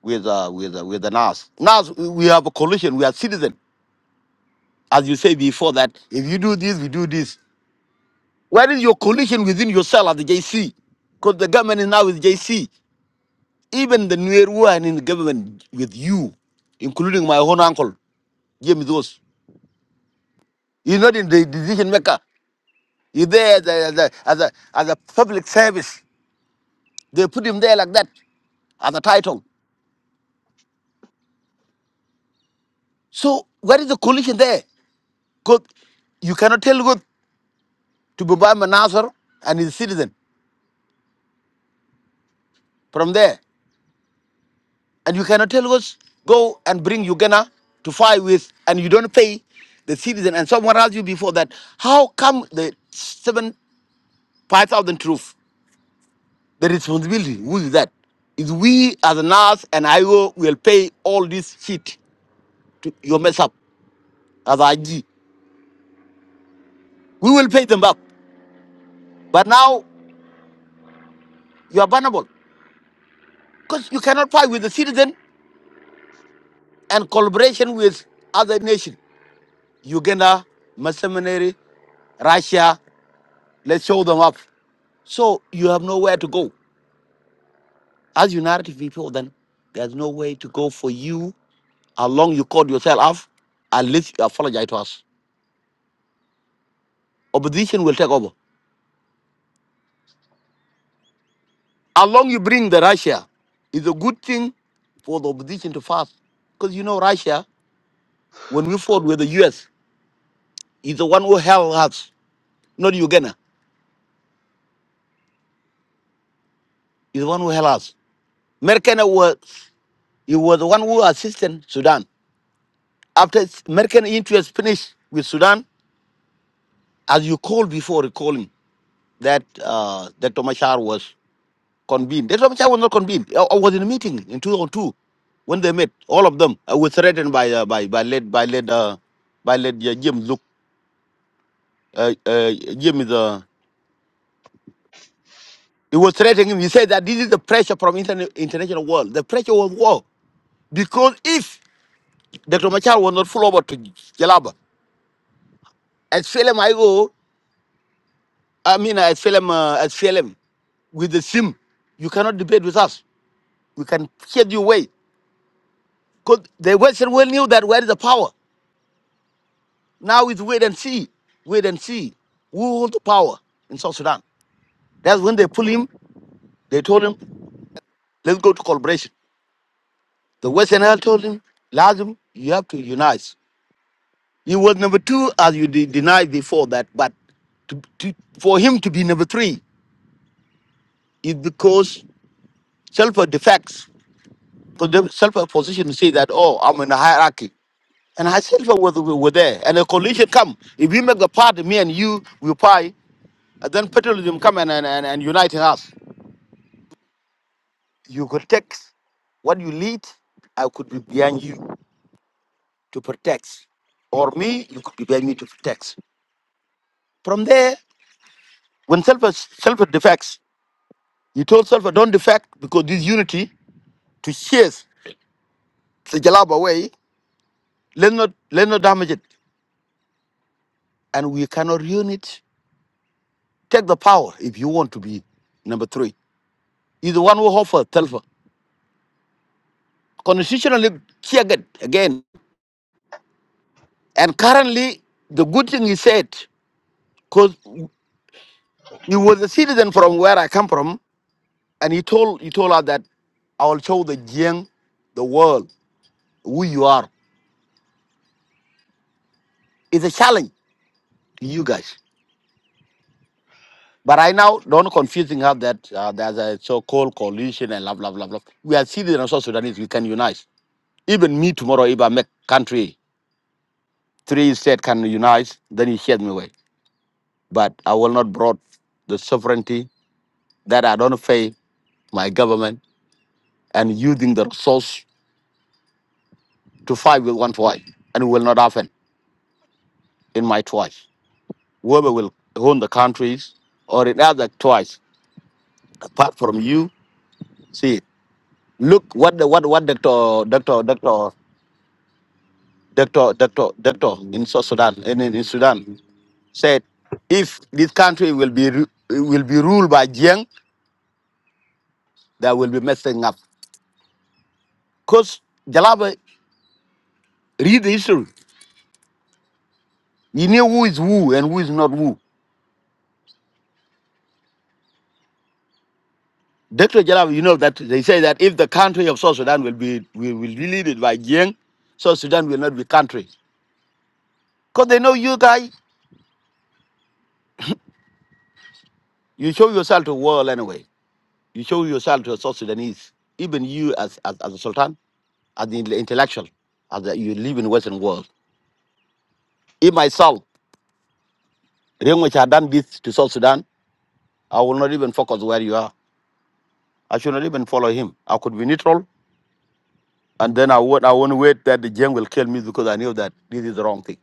with uh, with uh, with the NAS. NAS, we have a coalition. We are citizens, as you say before that. If you do this, we do this. Where is your coalition within yourself as the JC? Because the government is now with JC. Even the Nueru and in the government with you, including my own uncle James Dos. He's not in the decision maker. He's there as a, as a as a as a public service. They put him there like that as a title. So where is the coalition there? Because you cannot tell God to Baba Manasar and his citizen. from there. And you cannot tell us, go and bring Uganda to fight with, and you don't pay the citizen. And someone asked you before that, how come the seven, 5,000 troops, the responsibility, who is that? Is we as a NAS and IO will pay all this shit to your mess up as IG. We will pay them back. But now you are vulnerable because you cannot fight with the citizen and collaboration with other nation. Uganda, mercenary, Russia, let's show them up. So you have nowhere to go. As United people, then there's no way to go for you. How long you call yourself off, at least you apologize to us. Opposition will take over. How long you bring the Russia is a good thing for the opposition to fast. Because you know Russia, when we fought with the US, is the one who held us, not Uganda. Is the one who held us. Merkel was he was the one who assisted Sudan. After Merkel interest finished with Sudan, as you called before recalling. that uh, Dr. Machar was convened. Dr. Machar was not convened. I, I was in a meeting in 2002 when they met. All of them I was threatened by uh, by by led by led uh, by led uh, Jim Zook. Uh, uh, Jim is uh, he was threatening him. He said that this is the pressure from interna- international world. The pressure was war because if Dr. Machar was not full over to Jalaba, as film I go, I mean as film uh, as film with the sim, you cannot debate with us. We can shed you away. Because the Western world knew that where is the power? Now it's wait and see, wait and see. Who hold the power in South Sudan? That's when they pull him. They told him, let's go to collaboration. The Western world told him, Lazim, you have to unite. He was number two, as you de- denied before that. But to, to, for him to be number three is because self defects. Because the self position say that, oh, I'm in a hierarchy. And I self was were were there. And a coalition come. If we make the party, me and you, we pie. then petroleum come and, and, and, and uniting us. You could take what you lead, I could be behind you to protect. Or me, you could be behind me to protect. From there, when self self defects, you told self don't defect because this unity to chase the Jalab away, let's not let's not damage it. And we cannot ruin it. Take the power if you want to be number three. He's the one who offered self. Constitutionally again. again. And currently the good thing he said Because he was a citizen from where I come from, and he told he told us that I will show the Jiang, the world, who you are. It's a challenge to you guys. But right now, don't confusing us that uh, there's a so-called coalition and blah blah blah blah. We are citizens of South Sudanese. We can unite. Even me tomorrow, if I make country three state can unite, then he shed me away. But I will not brought the sovereignty that I don't pay my government and using the resource to fight with one voice, and it will not happen. in my twice. Whoever will own the countries or in other twice, apart from you, see, look what the what what doctor doctor doctor doctor doctor doctor in South Sudan in, in in Sudan said, if this country will be ru- will be ruled by Jiang, that will be messing up. Cause Jalaba read the history. You knew who is who and who is not who. Dr. Jalaba, you know that they say that if the country of South Sudan will be will, will be led by Jiang, South Sudan will not be country. Because they know you guys, you show yourself to the world anyway. You show yourself to the South Sudanese, even you as, as, as a sultan, as the intellectual, as the, you live in Western world. If myself, Riek Machar had done this to South Sudan, I will not even focus where you are. I should not even follow him. I could be neutral, and then I won't, I won't wait that the Jeng will kill me because I knew that this is the wrong thing.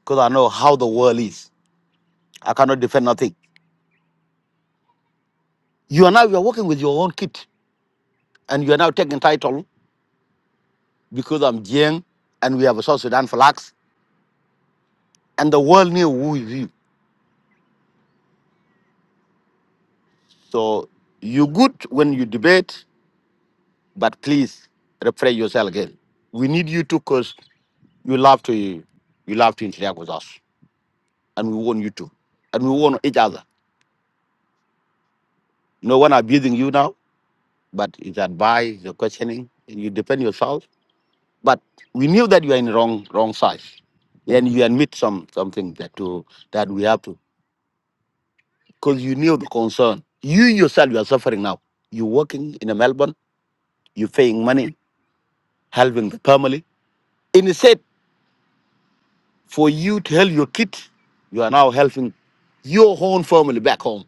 Because I know how the world is. I cannot defend nothing. You are now you are working with your own kit, and you are now taking title because I'm Jeng, and we have a South Sudan flag. and the world knew who is you. So you good when you debate, but please refrain yourself again. We need you to because you love to you love to interact with us. And we want you to. And we want each other. No one abusing you now, but it's advice, the questioning, and you defend yourself. But we knew that you are in the wrong wrong side. And you admit some something that to that we have to because you knew the concern. You yourself you are suffering now. You're working in a Melbourne, you're paying money helping the family. Instead, for you to help your kid, you are now helping your own family back home.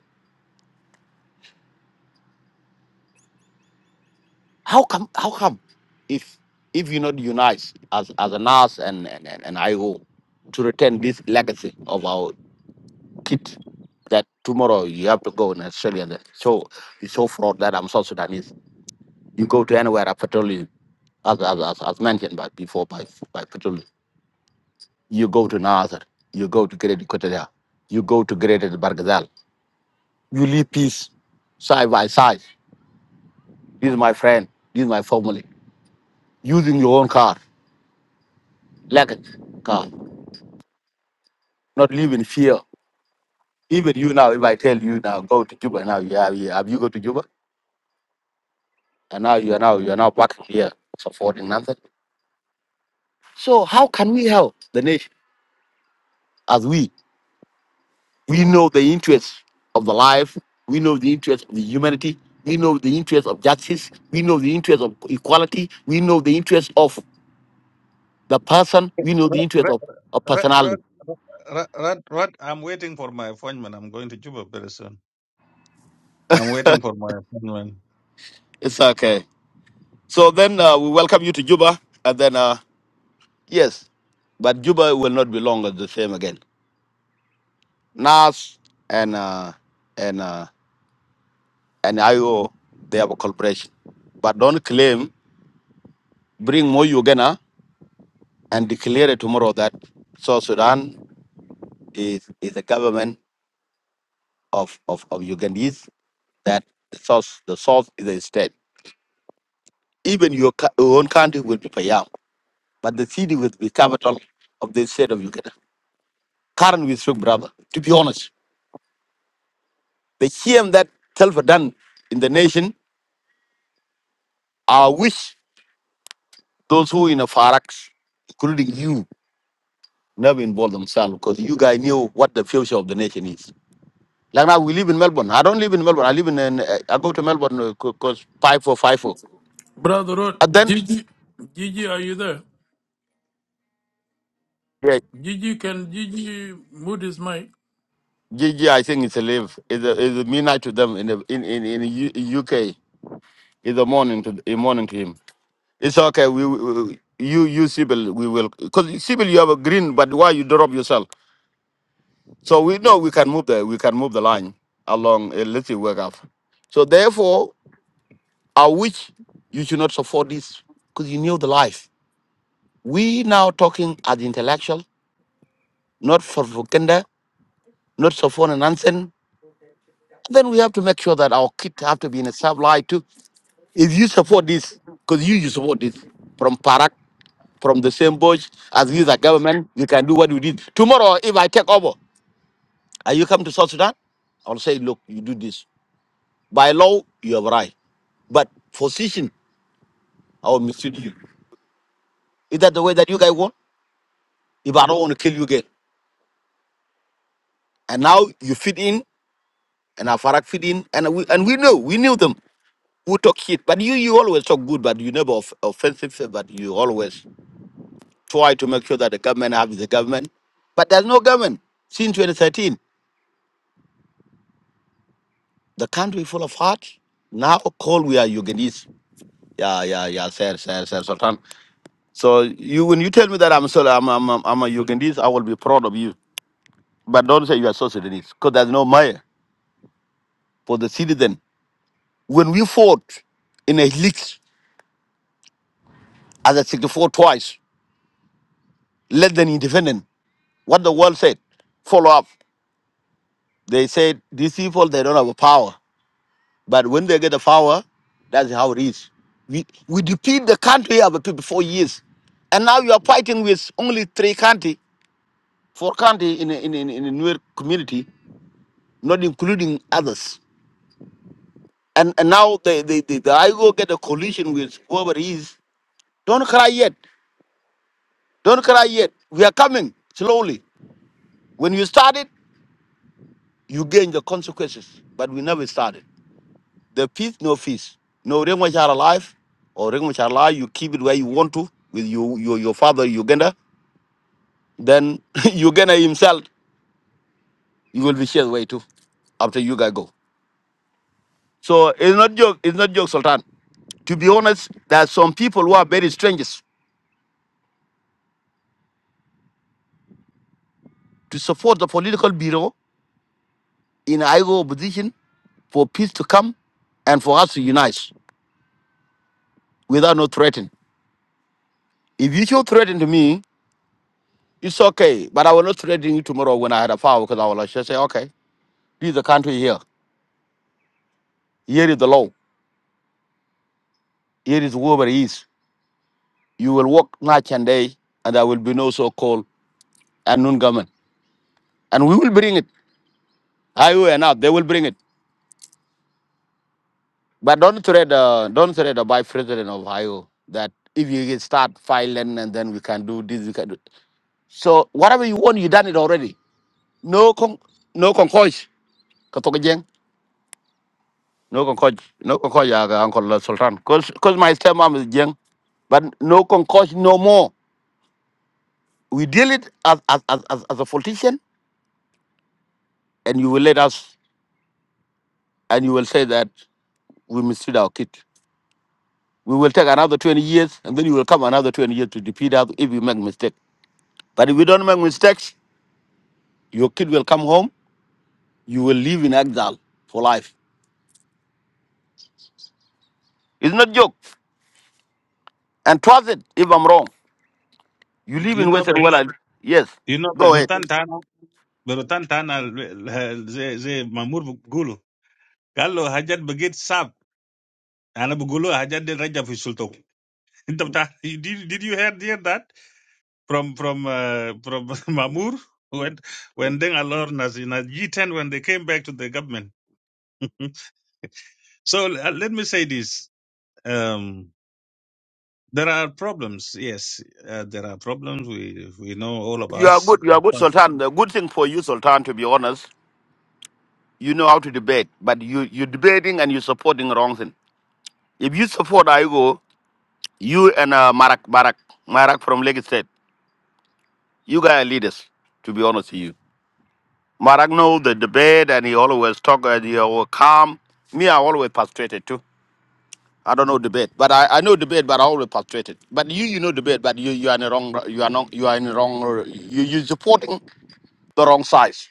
How come? How come? If if you not unite as as a NAS and and, and, and IO to return this legacy of our kid, that tomorrow you have to go in Australia. and So it's so fraud that I'm South Sudanese. You go to anywhere at petroleum, as as, as, as mentioned by before by by petroleum. You go to Nazar, you go to Great Equatoria, you go to Greater Bargazal You live peace side by side. This is my friend. This is my family. Using your own car, legged car, not live in fear. Even you now, if I tell you now, go to Juba now, you have, you have you go to Juba? And now you are now you are now back here supporting nothing. So how can we help the nation as we we know the interests of the life, we know the interests of the humanity, we know the interests of justice, we know the interests of equality, we know the interests of the person, we know the interests of, of Rod, personality Rod, Rod, Rod, Rod, I'm waiting for my appointment. I'm going to Juba very soon. I'm waiting for my appointment. It's okay. So then uh, we welcome you to Juba, and then uh, yes, but Juba will not be long as the same again. NAS and uh, and uh, and IO they have a cooperation, but don't claim bring more Uganda and declare it tomorrow that South Sudan is is a government of of, of Ugandese that the South the South is a state. Even your, cou- your own country will be Payam, but the city will be capital of the state of Uganda. Current with speak, brother. To be honest. The shame that Telfer done in the nation, I wish those who in a Farak, including you, never involved themselves because you guys knew what the future of the nation is. Like now, we live in Melbourne. I don't live in Melbourne. I live in, an, uh, I go to Melbourne because 5454. Brother Rod, And then, Gigi, Gigi, are you there? yeah, Gigi, can Gigi mute his mic? Gigi, I think it's a live. It's a, it's a midnight to them in the, in, in, in the U- UK. It's a morning to a morning to him. It's okay. We, we you you Sibyl, we will because Sibyl, you have a green, but why you drop yourself? So we know we can move the we can move the line along a little way up. So therefore, I wish you should not support this because you knew the life. We now talking as intellectual, not for propaganda, not so for nonsense. Then we have to make sure that our kids have to be in a sub life too. If you support this, because you you support this from Parak, from the same bush as we the government, you can do what you did. Tomorrow, if I take over and you come to South Sudan, I'll say, look, you do this. By law, you have right. But position, I will mislead you. Is that the way that you guys want? If I don't want to kill you again, and now you fit in, and Afarak fit in, and we and we know we knew them. We talk shit, but you you always talk good, but you never off- offensive. But you always try to make sure that the government have the government. But there's no government since 2013. The country full of heart. Now call we are Uganese. Yeah, yeah, yeah, sir, sir, sir, Sultan. So you when you tell me that I'm sorry, I'm I'm, I'm I'm a Ugandese, I will be proud of you. but don't say you are South Sudanese because there's no mayor for the citizen. When we fought in a league as a 64 twice, less than independent, what the world said, follow up. They said these people they don't have a power, but when they get the power, that's how it is. We we defeat the country of the people for years, and now you are fighting with only three county, four county in a, in a, in a in a newer community, not including others. And and now they they, they, they I go get a collision with whoever it is Don't cry yet. Don't cry yet. We are coming slowly. When you started, you gain the consequences. But we never started. The peace, no fees. No ring which are alive or ring which are alive, you keep it where you want to with you, your, your father, Uganda. Then [LAUGHS] Uganda himself, you will be shared away too after you guys go. So it's not joke, it's not joke, Sultan. To be honest, there are some people who are very strangers to support the political bureau in Igo opposition for peace to come and for us to unite. without no threatening. If you should threaten to me, it's okay. But I will not threaten you tomorrow when I had a fire because I will just say, okay, this is the country here. Here is the law. Here is whoever it is. You will work night and day, and there will be no so-called and noon government. And we will bring it. IO and up, they will bring it. But don't threat uh, don't threat the vice president of IO that if you get start filing and then we can do this, we can do So whatever you want, you done it already. No con no concourse. no concoch no concoch yaga uncle sultan because because my stepmom is young but no concoch no more we deal it as as, as as as a politician and you will let us and you will say that we mistreat our kid we will take another 20 years and then you will come another 20 years to defeat us if we make mistake but if we don't make mistakes your kid will come home you will live in exile for life it's not joke and trust it if i'm wrong you live You in know, western but world yes you know, go ahead berutan tana, berutan tana, ze ze mamur gulu. Gallo hajat begit sab. Ana bugulu hajat de raja fi [LAUGHS] Inta bta- Did did you hear hear that from from uh, from [LAUGHS] mamur? When when Deng Alor Nas in a G10 when they came back to the government. [LAUGHS] So uh, let me say this. um, There are problems, yes. Uh, there are problems. We we know all of You are us. good. You are good, But, Sultan. The good thing for you, Sultan, to be honest, you know how to debate, but you you debating and you're supporting the wrong thing. If you support Aigo, you and uh, Marak Marak Marak from Lagos State, you guys are leaders. To be honest with you, Marak know the debate and he always talk and he always calm. Me, I always frustrated too. I don't know debate, but I, I know debate, but I always frustrated. But you, you know debate, but you you are in the wrong you are not you are in the wrong you you supporting the wrong size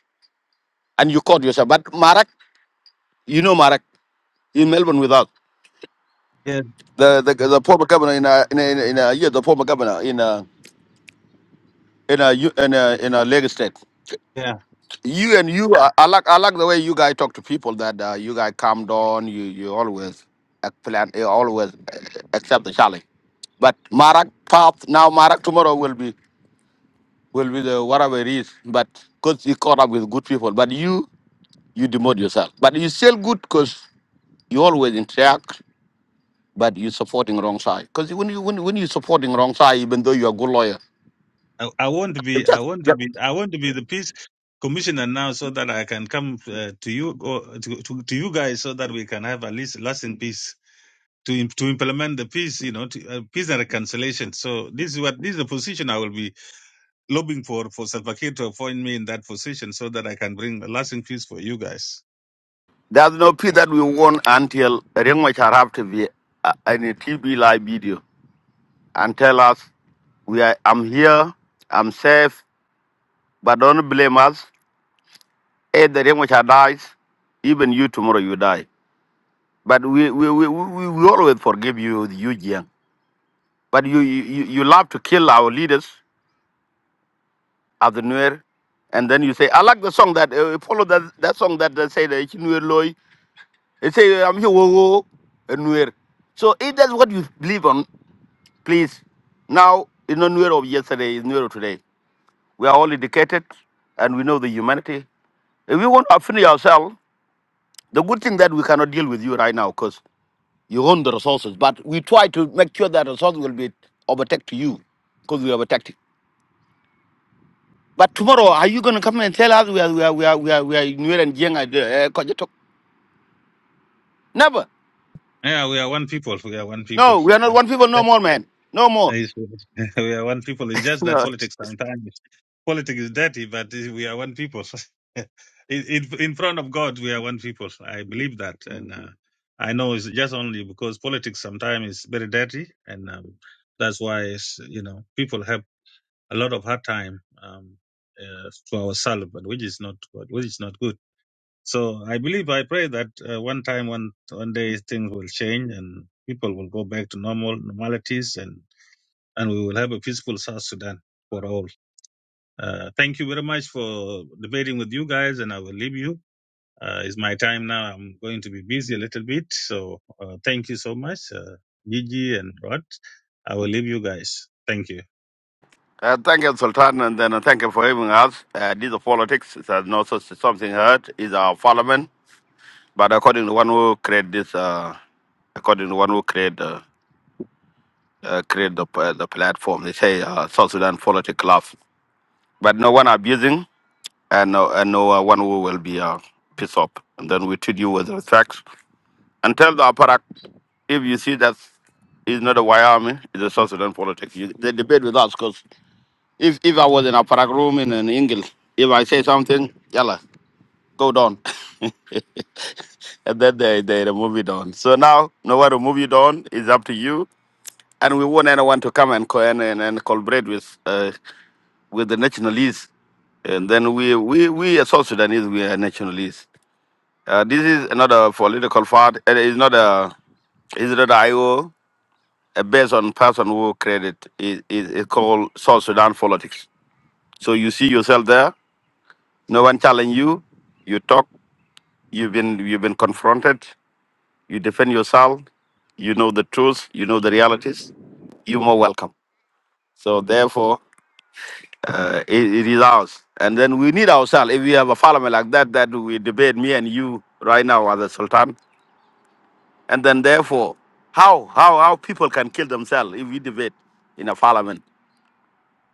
and you caught yourself. But Marak, you know Marak. in Melbourne with us. Yeah, The the, the former governor in a, in a, in a, yeah the former governor in a, in a, you- in a, in a Lagos state. yeah. You and you, I, I like I like the way you guys talk to people. That uh, you guys calm down. You you always uh, plan. You always uh, accept the challenge. But Marak path now Marak tomorrow will be will be the whatever it is. But because you caught up with good people. But you you demote yourself. But you still good because you always interact. but you're supporting wrong side. Because when you when, when you're supporting wrong side, even though you're a good lawyer, I, I want to it be. I just want yeah. to be. I want to be the peace commissioner now, so that I can come uh, to you or to, to to you guys, so that we can have at least lasting peace to im- to implement the peace. You know, to, uh, peace and reconciliation. So this is what this is the position I will be lobbying for for Salva Kiir to appoint me in that position, so that I can bring a lasting peace for you guys. there's no peace that we want until Ring Machar have to be uh, in a TV live video and tell us we are I'm here, I'm safe, but don't blame us. If the Ring Machar dies, even you tomorrow you die. But we we, we, we, we always forgive you, you Jiang. But you, you you you love to kill our leaders of the Nuer. And then you say, I like the song that uh, follow that that song that they say the Nuer Loy. They say I'm here wo wo a Nuer. So if that's what you believe on, please. Now it's not Nuer of yesterday, it's Nuer of today. We are all educated and we know the humanity. If we want to finish ourselves, the good thing that we cannot deal with you right now because you own the resources, but we try to make sure that resources will be overtake to you because we have attacked. But tomorrow, are you going to come and tell us we are we are we are we are, we are Nuer and Jiang? Uh, Kojetok? Never. Yeah, we are one people. We are one people. No, we are not one people no more, man. No more. Yes, [LAUGHS] we are one people. It's just that No. politics sometimes politics is dirty, but we are one people. [LAUGHS] in, in in front of God, we are one people. I believe that, and uh, I know it's just only because politics sometimes is very dirty, and um, that's why it's, you know people have a lot of hard time um, uh, to ourselves, but which is not good, which is not good. So I believe, I pray that uh, one time, one one day, things will change and people will go back to normal normalities and and we will have a peaceful South Sudan for all. Uh, thank you very much for debating with you guys, and I will leave you. Uh, it's my time now. I'm going to be busy a little bit, so uh, thank you so much, uh, Gigi and Rod. I will leave you guys. Thank you. Uh, thank you, Sultan, and then uh, thank you for having us. Uh, this is politics. It's uh, not so, something hurt. It's our parliament, but according to one who create this, uh, according to one who create uh, uh, create the uh, the platform, they say uh, South Sudan politics club. But no one abusing, and no and no uh, one who will be uh, pissed off. And then we treat you with respect And tell the Aparak if you see that it's not a Wyoming, it's a South Sudan politics. You, they debate with us because if, if I was in Aparak room in an English, if I say something, yalla, go down. [LAUGHS] and then they, they remove it on. So now, nowhere to move it on is up to you. And we want anyone to come and co- and, and, and collaborate with uh, with the nationalists. And then we we we as South Sudanese, we are nationalists. Uh, this is another political part. It is not a it's not a IO. uh, based on person who created it is it, called South Sudan politics. So you see yourself there. No one challenge you. You talk. You've been you've been confronted. You defend yourself. You know the truth. You know the realities. You're more welcome. So therefore, uh, it, it is ours. And then we need ourselves. If we have a parliament like that, that we debate me and you right now as a sultan. And then therefore, how how how people can kill themselves if we debate in a parliament?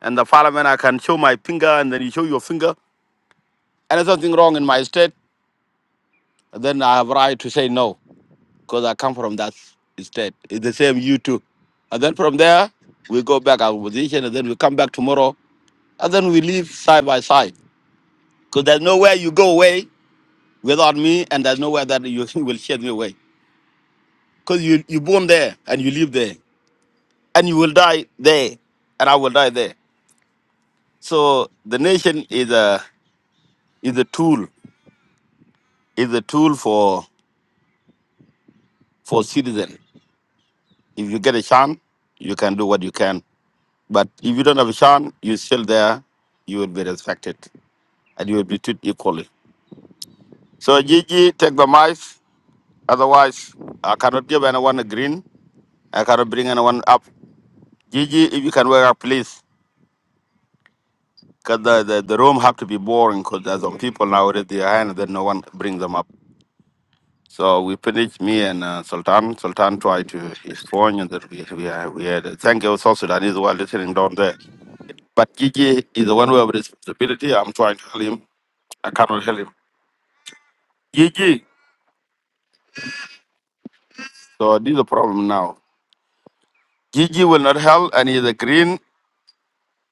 and the parliament I can show my finger and then you show your finger. And there's something wrong in my state, then I have right to say no because I come from that state. It's the same you too. And then from there we go back our position and then we come back tomorrow and then we live side by side because there's nowhere you go away without me and there's nowhere that you [LAUGHS] will shed me away because you you born there and you live there and you will die there and I will die there. So the nation is a is a tool is a tool for for citizen. If you get a chance, you can do what you can. But if you don't have a chance, you're still there. You will be respected and you will be treated equally. So, Gigi, take the mic. Otherwise, I cannot give anyone a green. I cannot bring anyone up. Gigi, if you can wake up, please. Because the, the, the room have to be boring because there's some people now with their hand that no one bring them up. So we finished, me and uh, Sultan. Sultan tried to his phone and that we, we, are, we had. Thank you, South Sudanese, who are listening down there. But Gigi is the one who have responsibility. I'm trying to help him. I cannot help him. Gigi. So this is the problem now. Gigi will not help, and he's a green,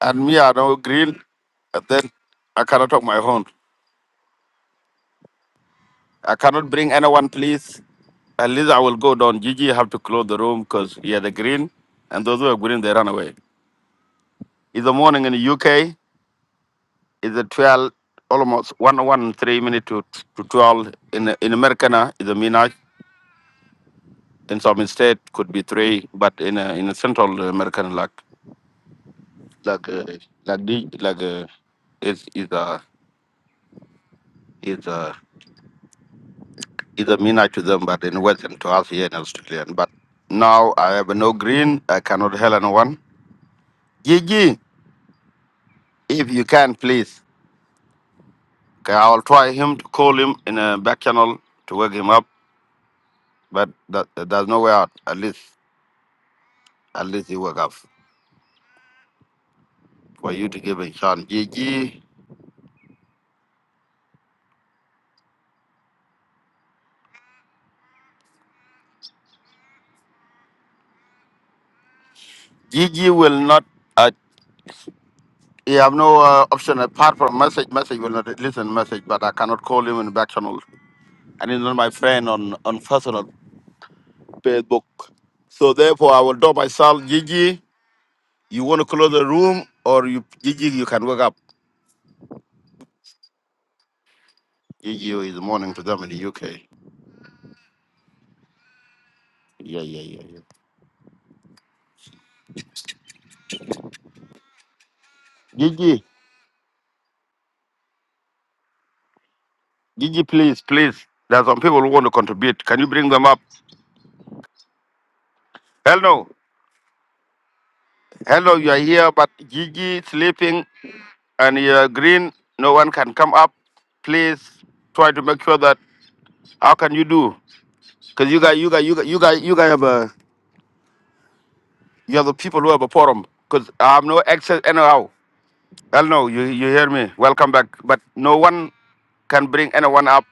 and me I know green. And then I cannot talk my own. I cannot bring anyone, please. At least I will go down. Gigi have to close the room because he had a green, and those who are green they run away. It's the morning in the UK. It's a 12, almost one one three minute to to 12 in in America now. It's a midnight. in some state could be three, but in a, in a Central American like like uh, like the, like uh, it's is a is a is a mina to them, but in Western to us here in Australia. But now I have no green. I cannot help anyone. Gigi, if you can, please. Okay, I'll try him to call him in a back channel to wake him up, but that, there's no way out. At least at least he woke up for you to give a chance. Gigi, Gigi will not. You have no uh, option apart from message. Message will not listen message, but I cannot call him in back channel, and he's not my friend on on personal Facebook. So therefore, I will drop myself. Gigi, you want to close the room, or you Gigi, you can wake up. Gigi is morning to them in the UK. Yeah, yeah, yeah, yeah. Gigi, Gigi, please, please. There are some people who want to contribute. Can you bring them up? Hello, hello. You are here, but Gigi sleeping, and you are green. No one can come up. Please try to make sure that. How can you do? Because you got you got you got you got you got have a you have the people who have a forum. Because I have no access anyhow. Hell no, you you hear me? Welcome back. But no one can bring anyone up.